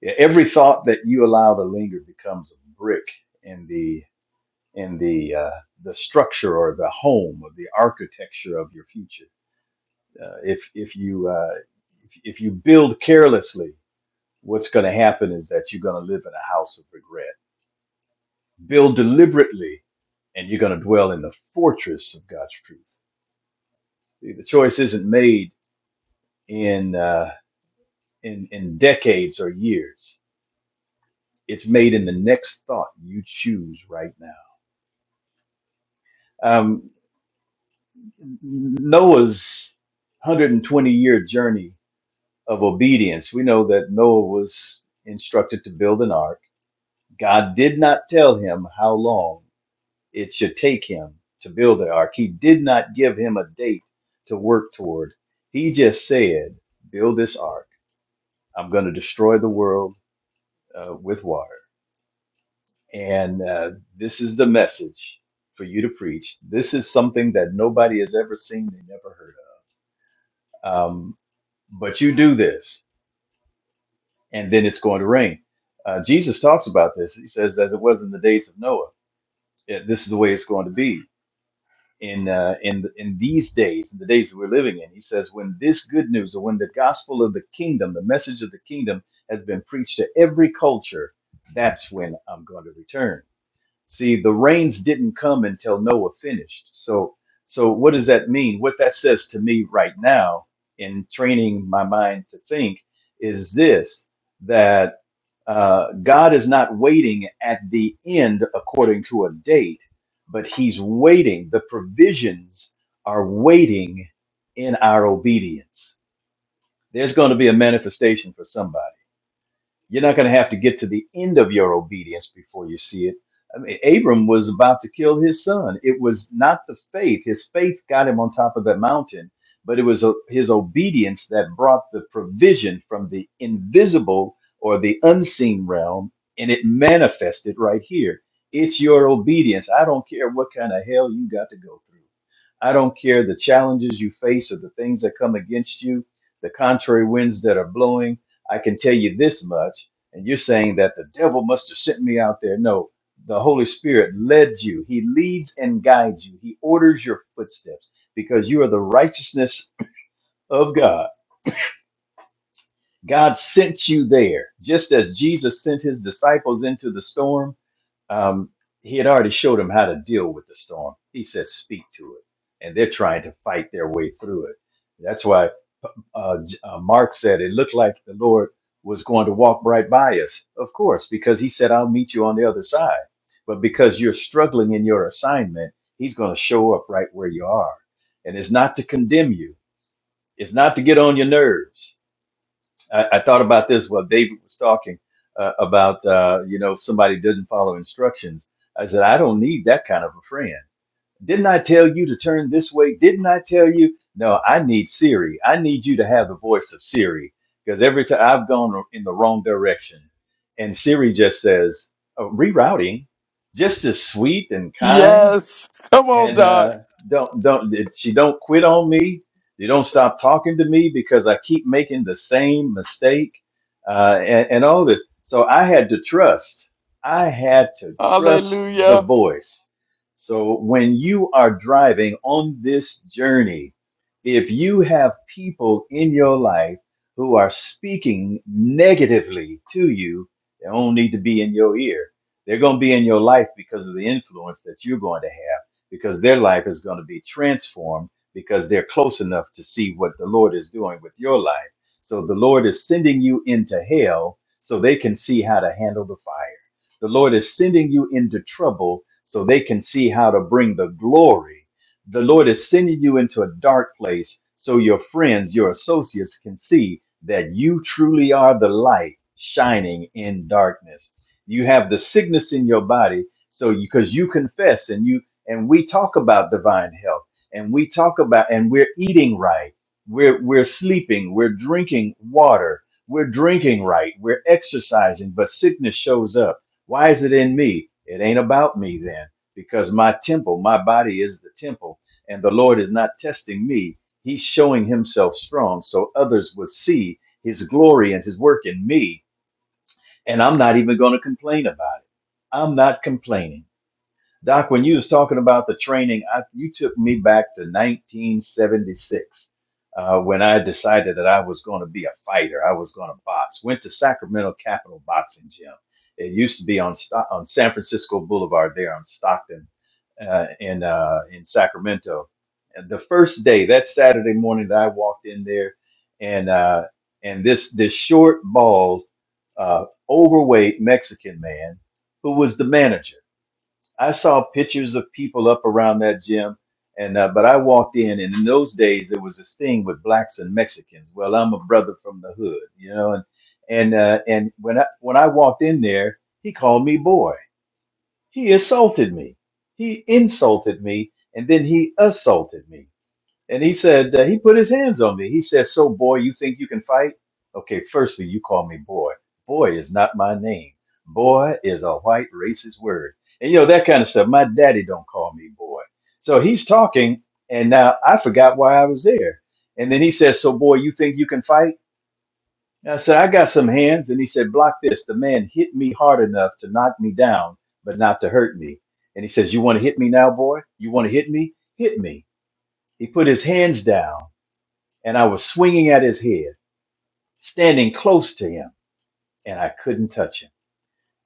D: Yeah, every thought that you allow to linger becomes a brick in the in the uh, the structure or the home of the architecture of your future. Uh, if if you uh, if, if you build carelessly, what's going to happen is that you're going to live in a house of regret build deliberately, and you're going to dwell in the fortress of God's truth. The choice isn't made in uh, in in decades or years. It's made in the next thought you choose right now. Um, Noah's 120 year journey of obedience. We know that Noah was instructed to build an ark. God did not tell him how long it should take him to build the ark. He did not give him a date to work toward. He just said, Build this ark. I'm going to destroy the world uh, with water. And uh, this is the message for you to preach. This is something that nobody has ever seen and never heard of. Um, but you do this, and then it's going to rain. Uh, Jesus talks about this. He says, As it was in the days of Noah, yeah, this is the way it's going to be in uh, in in these days, in the days that we're living in. He says, when this good news or when the gospel of the kingdom, the message of the kingdom, has been preached to every culture, that's when I'm going to return. See, the rains didn't come until Noah finished. So, so what does that mean? What that says to me right now in training my mind to think is this: that uh, God is not waiting at the end according to a date, but He's waiting. The provisions are waiting in our obedience. There's going to be a manifestation for somebody you're not going to have to get to the end of your obedience before you see it. I mean, Abram was about to kill his son. It was not the faith. His faith got him on top of that mountain, but it was uh, his obedience that brought the provision from the invisible or the unseen realm, and it manifested right here. It's your obedience. I don't care what kind of hell you got to go through. I don't care the challenges you face or the things that come against you, the contrary winds that are blowing. I can tell you this much. And you're saying that the devil must have sent me out there. No, the Holy Spirit led you. He leads and guides you. He orders your footsteps because you are the righteousness of God. God sent you there. Just as Jesus sent his disciples into the storm, um, he had already showed them how to deal with the storm. He said, Speak to it. And they're trying to fight their way through it. That's why uh, J- uh, Mark said, it looked like the Lord was going to walk right by us. Of course, because he said, I'll meet you on the other side. But because you're struggling in your assignment, he's going to show up right where you are. And it's not to condemn you, it's not to get on your nerves. I, I thought about this while David was talking uh, about, uh, you know, if somebody doesn't follow instructions. I said, I don't need that kind of a friend. Didn't I tell you to turn this way? Didn't I tell you? No, I need Siri. I need you to have the voice of Siri because every time I've gone in the wrong direction, and Siri just says, oh, rerouting, just as sweet and kind
A: Yes. Come on,
D: and uh,
A: Doc.
D: don't don't that she don't quit on me. They don't stop talking to me because I keep making the same mistake uh, and, and all this. So I had to trust. I had to trust the
A: Hallelujah.
D: voice. So when you are driving on this journey, if you have people in your life who are speaking negatively to you, they don't need to be in your ear. They're going to be in your life because of the influence that you're going to have because their life is going to be transformed because they're close enough to see what the Lord is doing with your life. So the Lord is sending you into hell so they can see how to handle the fire. The Lord is sending you into trouble so they can see how to bring the glory. The Lord is sending you into a dark place so your friends, your associates can see that you truly are the light shining in darkness. You have the sickness in your body so because you confess and you and we talk about divine health and we talk about and we're eating right we're we're sleeping we're drinking water we're drinking right we're exercising but sickness shows up why is it in me it ain't about me then because my temple my body is the temple and the lord is not testing me he's showing himself strong so others will see his glory and his work in me and i'm not even going to complain about it i'm not complaining Doc, when you was talking about the training, I, you took me back to 1976 uh, when I decided that I was going to be a fighter. I was going to box. Went to Sacramento Capital Boxing Gym. It used to be on Sto- on San Francisco Boulevard there on Stockton uh, in uh, in Sacramento. And the first day, that Saturday morning, that I walked in there, and uh, and this this short, bald, uh, overweight Mexican man who was the manager I saw pictures of people up around that gym, and uh, but I walked in, and in those days there was this thing with blacks and Mexicans. Well, I'm a brother from the hood, you know, and and uh, and when I when I walked in there, he called me boy. He assaulted me. He insulted me, and then he assaulted me. And he said, uh, he put his hands on me. He said, so boy, you think you can fight? Okay, firstly, you call me boy. Boy is not my name. Boy is a white racist word. And you know, that kind of stuff. My daddy don't call me boy. So he's talking, and now I forgot why I was there. And then he says, so boy, you think you can fight? And I said, I got some hands. And he said, block this. The man hit me hard enough to knock me down, but not to hurt me. And he says, you want to hit me now, boy? You want to hit me? Hit me. He put his hands down and I was swinging at his head, standing close to him, and I couldn't touch him.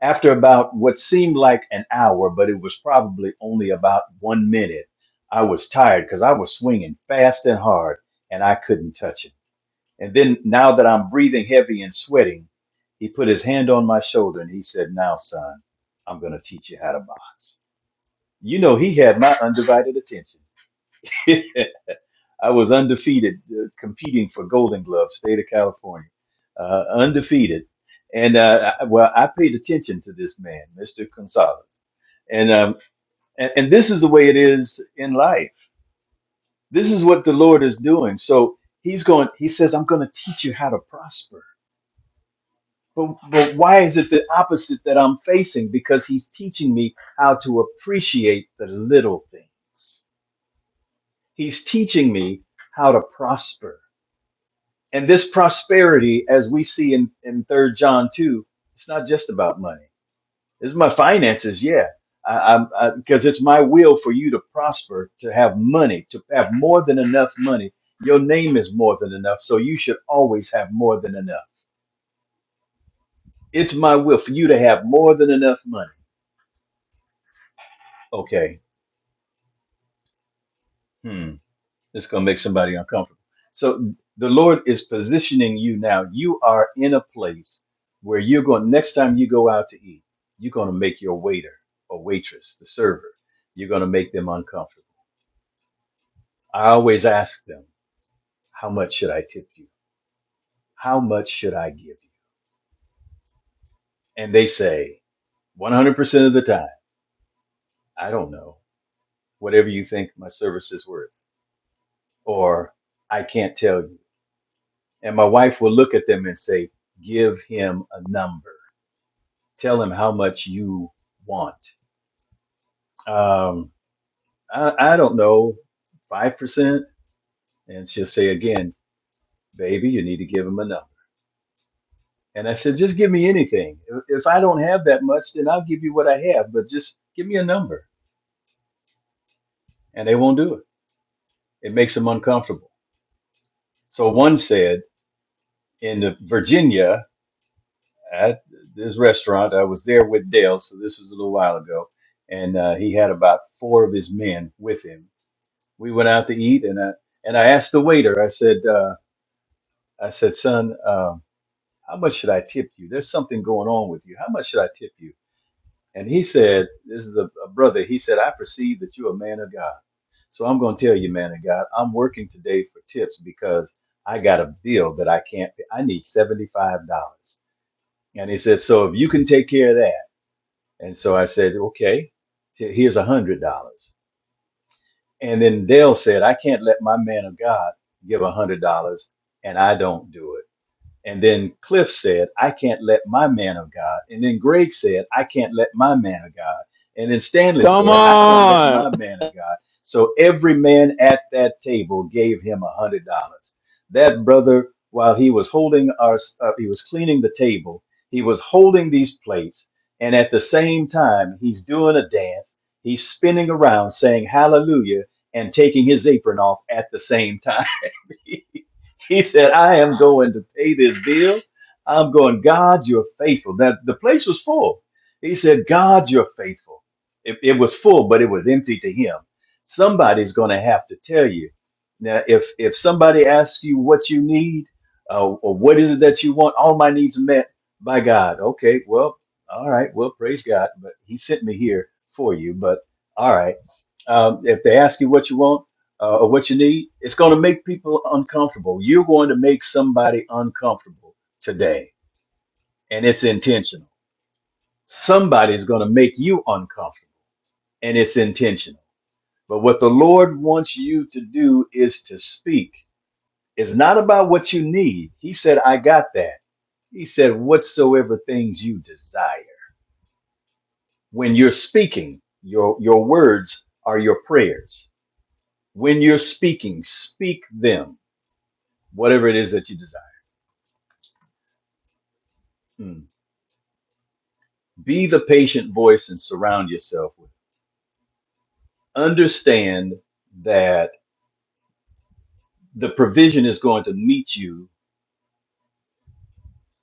D: After about what seemed like an hour, but it was probably only about one minute, I was tired because I was swinging fast and hard, and I couldn't touch him. And then now that I'm breathing heavy and sweating, he put his hand on my shoulder and he said, Now, son, I'm going to teach you how to box. You know, he had my undivided attention. I was undefeated, uh, competing for Golden Glove, state of California, uh, undefeated. And uh, I, well, I paid attention to this man, Mr. Gonzalez. And, um, and and this is the way it is in life. This is what the Lord is doing. So he's going. He says, "I'm going to teach you how to prosper." But but why is it the opposite that I'm facing? Because he's teaching me how to appreciate the little things. He's teaching me how to prosper And this prosperity, as we see in, in Third John 2, it's not just about money. It's my finances, yeah. I, I'm I, because it's my will for you to prosper, to have money, to have more than enough money. Your name is more than enough, so you should always have more than enough. It's my will for you to have more than enough money. Okay. hmm. It's going to make somebody uncomfortable. So the Lord is positioning you now. You are in a place where you're going, next time you go out to eat, you're going to make your waiter or waitress, the server, you're going to make them uncomfortable. I always ask them, How much should I tip you? How much should I give you? And they say, 100% of the time, I don't know, whatever you think my service is worth, or I can't tell you. And my wife will look at them and say, Give him a number tell him how much you want. Um, I, I don't know, 5%. And she'll say again, baby, you need to give him a number. And I said, just give me anything. If I don't have that much, then I'll give you what I have, but just give me a number. And they won't do it. It makes them uncomfortable. So one said in Virginia at this restaurant, I was there with Dale. So this was a little while ago. And uh, he had about four of his men with him we went out to eat and I, and I asked the waiter, I said, uh, I said, son, um, how much should I tip you? There's something going on with you. How much should I tip you? And he said, this is a, a brother. He said, I perceive that you're a man of God. So I'm going to tell you, man of God, I'm working today for tips because I got a bill that I can't pay. I need $75. And he said, so if you can take care of that. And so I said, okay, here's $100. And then Dale said, I can't let my man of God give a hundred dollars and I don't do it. And then Cliff said, I can't let my man of God. And then Greg said, I can't let my man of God. And then Stanley
H: Come
D: said, I can't let
H: on.
D: my man of God. So every man at that table gave him a hundred dollars. That brother, while he was holding our, uh, he was cleaning the table, he was holding these plates. And at the same time, he's doing a dance. He's spinning around saying hallelujah and taking his apron off at the same time he said, I am going to pay this bill. I'm going, God, you're faithful. That the place was full. He said, God, you're faithful. It, it was full, but it was empty to him. Somebody's going to have to tell you. Now, if if somebody asks you what you need uh, or what is it that you want, all my needs are met by God. Okay, well, all right, well, praise God. But He sent me here for you. But all right, um, if they ask you what you want, uh, or what you need, it's going to make people uncomfortable. You're going to make somebody uncomfortable today, and it's intentional. Somebody's going to make you uncomfortable, and it's intentional. But what the Lord wants you to do is to speak. It's not about what you need. He said, I got that. He said, whatsoever things you desire. When you're speaking, your, your words are your prayers. When you're speaking, speak them, whatever it is that you desire. Hmm. be the patient voice and surround yourself with. Understand that the provision is going to meet you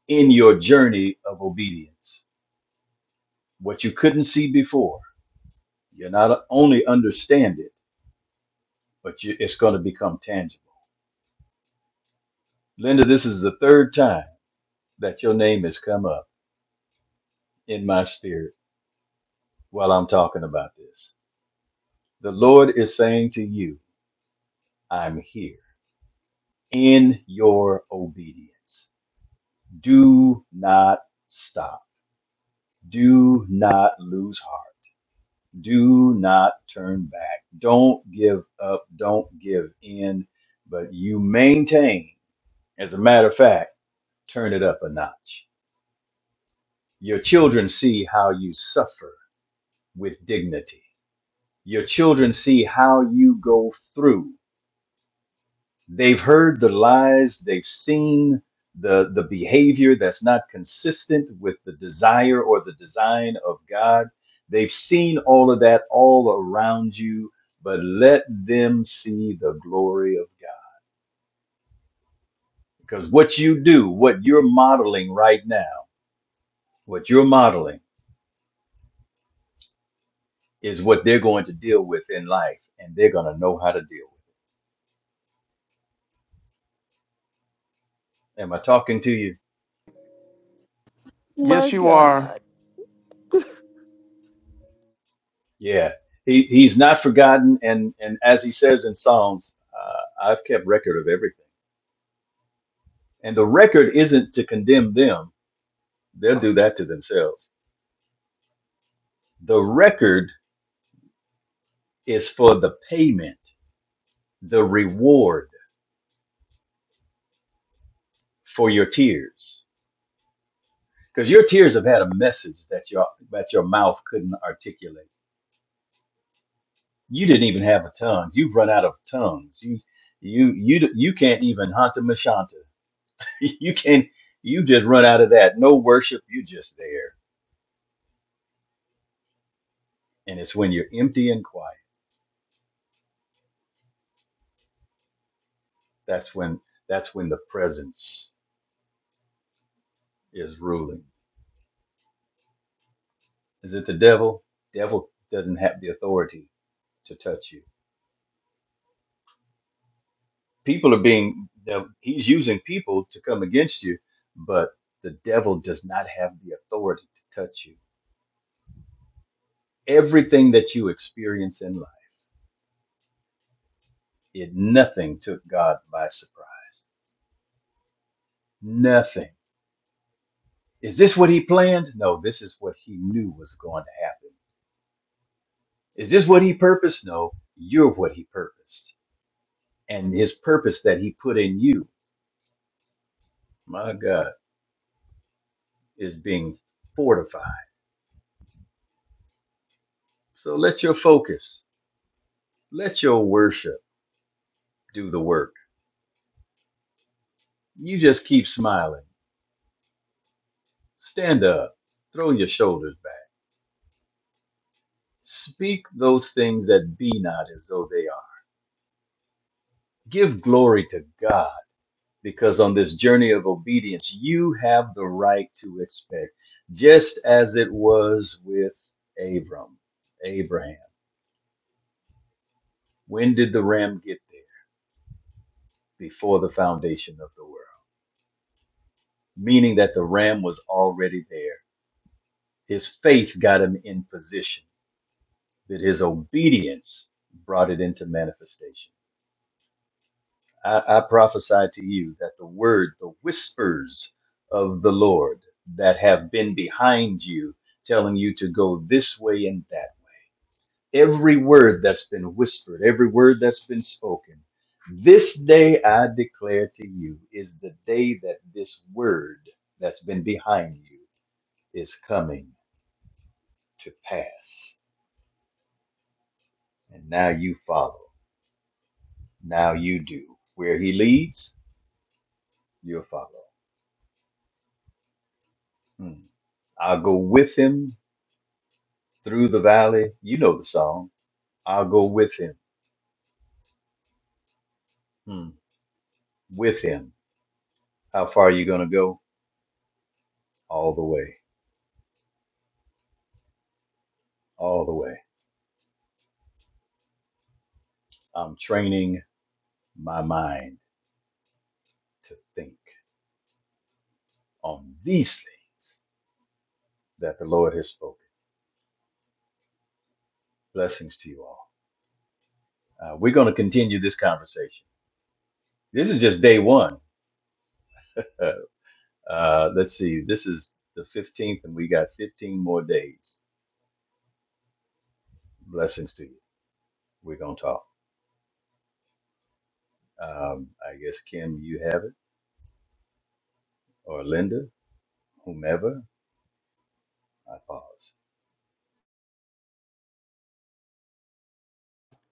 D: in your journey of obedience. What you couldn't see before, you're not only understand it, but you, it's going to become tangible. Linda, this is the third time that your name has come up in my spirit while I'm talking about this. The Lord is saying to you, I'm here in your obedience. Do not stop Do not lose heart. Do not turn back. Don't give up. Don't give in. But you maintain. As a matter of fact, turn it up a notch. Your children see how you suffer with dignity. Your children see how you go through They've heard the lies, they've seen the, the behavior that's not consistent with the desire or the design of God. They've seen all of that all around you, but let them see the glory of God. Because what you do, what you're modeling right now, what you're modeling is what they're going to deal with in life, and they're going to know how to deal with. it. Am I talking to you?
J: My
A: Yes, you
J: God.
A: are.
D: Yeah, he he's not forgotten, and and as he says in Psalms, uh, I've kept record of everything. And the record isn't to condemn them; they'll do that to themselves. The record is for the payment, the reward for your tears, because your tears have had a message that your that your mouth couldn't articulate. You didn't even have a tongue. You've run out of tongues. You you you you can't even hanta mashanta. You can't. You just run out of that. No worship. You just there and it's when you're empty and quiet that's when that's when the presence is ruling is it the devil devil doesn't have the authority to touch you people are being he's using people to come against you but the devil does not have the authority to touch you everything that you experience in life it nothing took god by surprise nothing is this what he planned no this is what he knew was going to happen is this what he purposed no you're what he purposed and his purpose that he put in you, my God, is being fortified. So let your focus, let your worship do the work. You just keep smiling, stand up, throw your shoulders back, speak those things that be not as though they are. Give glory to God because on this journey of obedience, you have the right to expect, just as it was with Abram, Abraham. When did the ram get there? before the foundation of the world, meaning that the ram was already there. His faith got him in position, that his obedience brought it into manifestation. I, I prophesy to you that the word, the whispers of the Lord that have been behind you, telling you to go this way and that every word that's been whispered, every word that's been spoken. This day I declare to you is the day that this word that's been behind you is coming to pass. And now you follow. Now you do. Where he leads, you'll follow. Hmm. I'll go with him through the valley. You know the song. I'll go with him. Hmm. With him. How far are you going to go? All the way. All the way. I'm training my mind to think on these things that the Lord has spoken. Blessings to you all. Uh, we're going to continue this conversation. This is just day one. Uh, uh, let's see, this is the 15th, and we got 15 more days. Blessings to you. We're going to talk. Um, I guess, Kim, you have it, or Linda, whomever. I pause.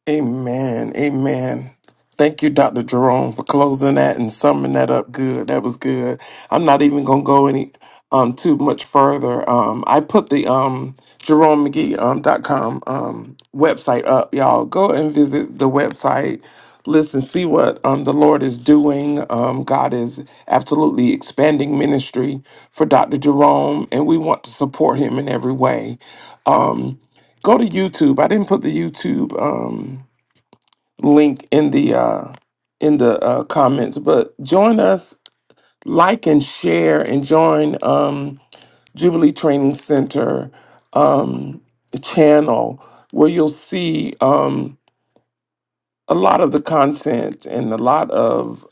A: Amen. Amen. Thank you, Dr. Jerome, for closing that and summing that up good. That was good. I'm not even gonna go any um too much further. Um I put the um Jerome McGee um dot com um website up. Y'all go and visit the website. Listen, see what um the Lord is doing. Um God is absolutely expanding ministry for Dr. Jerome and we want to support him in every way. Go to YouTube. I didn't put the YouTube um link in the uh, in the uh, comments. But join us, like and share, and join um, Jubilee Training Center channel where you'll see um, a lot of the content and a lot of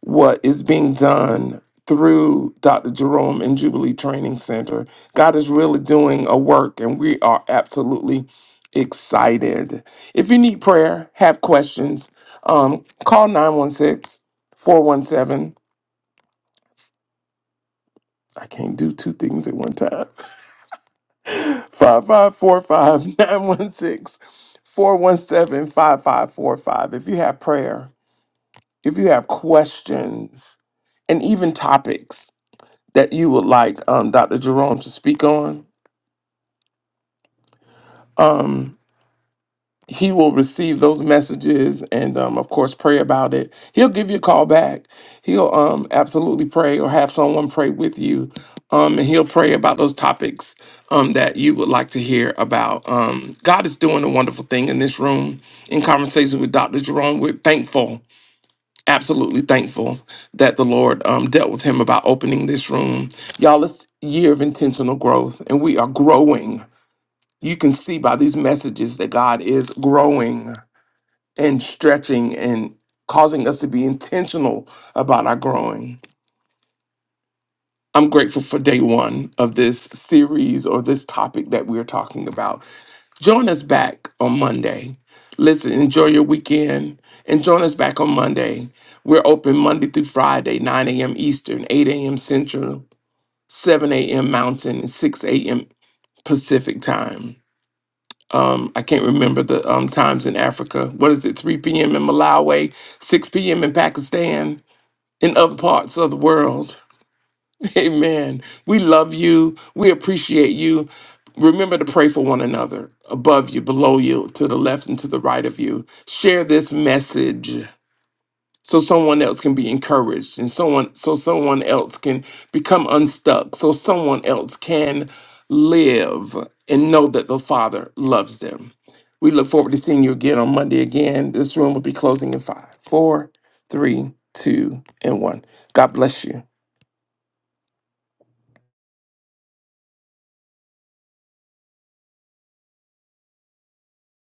A: what is being done through Dr. Jerome and Jubilee Training Center. God is really doing a work, and we are absolutely excited. If you need prayer, have questions, um, call 916 417. I can't do two things at one time. 5545 916 417 5545. If you have prayer, if you have questions, and even topics, that you would like um, Dr. Jerome to speak on. Um, he will receive those messages and, um, of course, pray about it. He'll give you a call back. He'll um, absolutely pray or have someone pray with you. Um, and he'll pray about those topics um, that you would like to hear about. Um, God is doing a wonderful thing in this room. In conversation with Dr. Jerome, we're thankful absolutely thankful that the Lord um, dealt with him about opening this room. Y'all, it's a year of intentional growth, and we are growing. You can see by these messages that God is growing and stretching and causing us to be intentional about our growing. I'm grateful for day one of this series or this topic that we're talking about. Join us back on Monday. Listen, enjoy your weekend and join us back on Monday. We're open Monday through Friday, 9 a.m. Eastern, 8 a.m. Central, 7 a.m. Mountain, and 6 a.m. Pacific time. Um, I can't remember the um, times in Africa. What is it? 3 p.m. in Malawi, 6 p.m. in Pakistan, in other parts of the world. Amen. We love you. We appreciate you. Remember to pray for one another above you, below you, to the left and to the right of you. Share this message so someone else can be encouraged and someone so someone else can become unstuck, so someone else can live and know that the Father loves them. We look forward to seeing you again on Monday again. This room will be closing in five, four, three, two, and one. God bless you.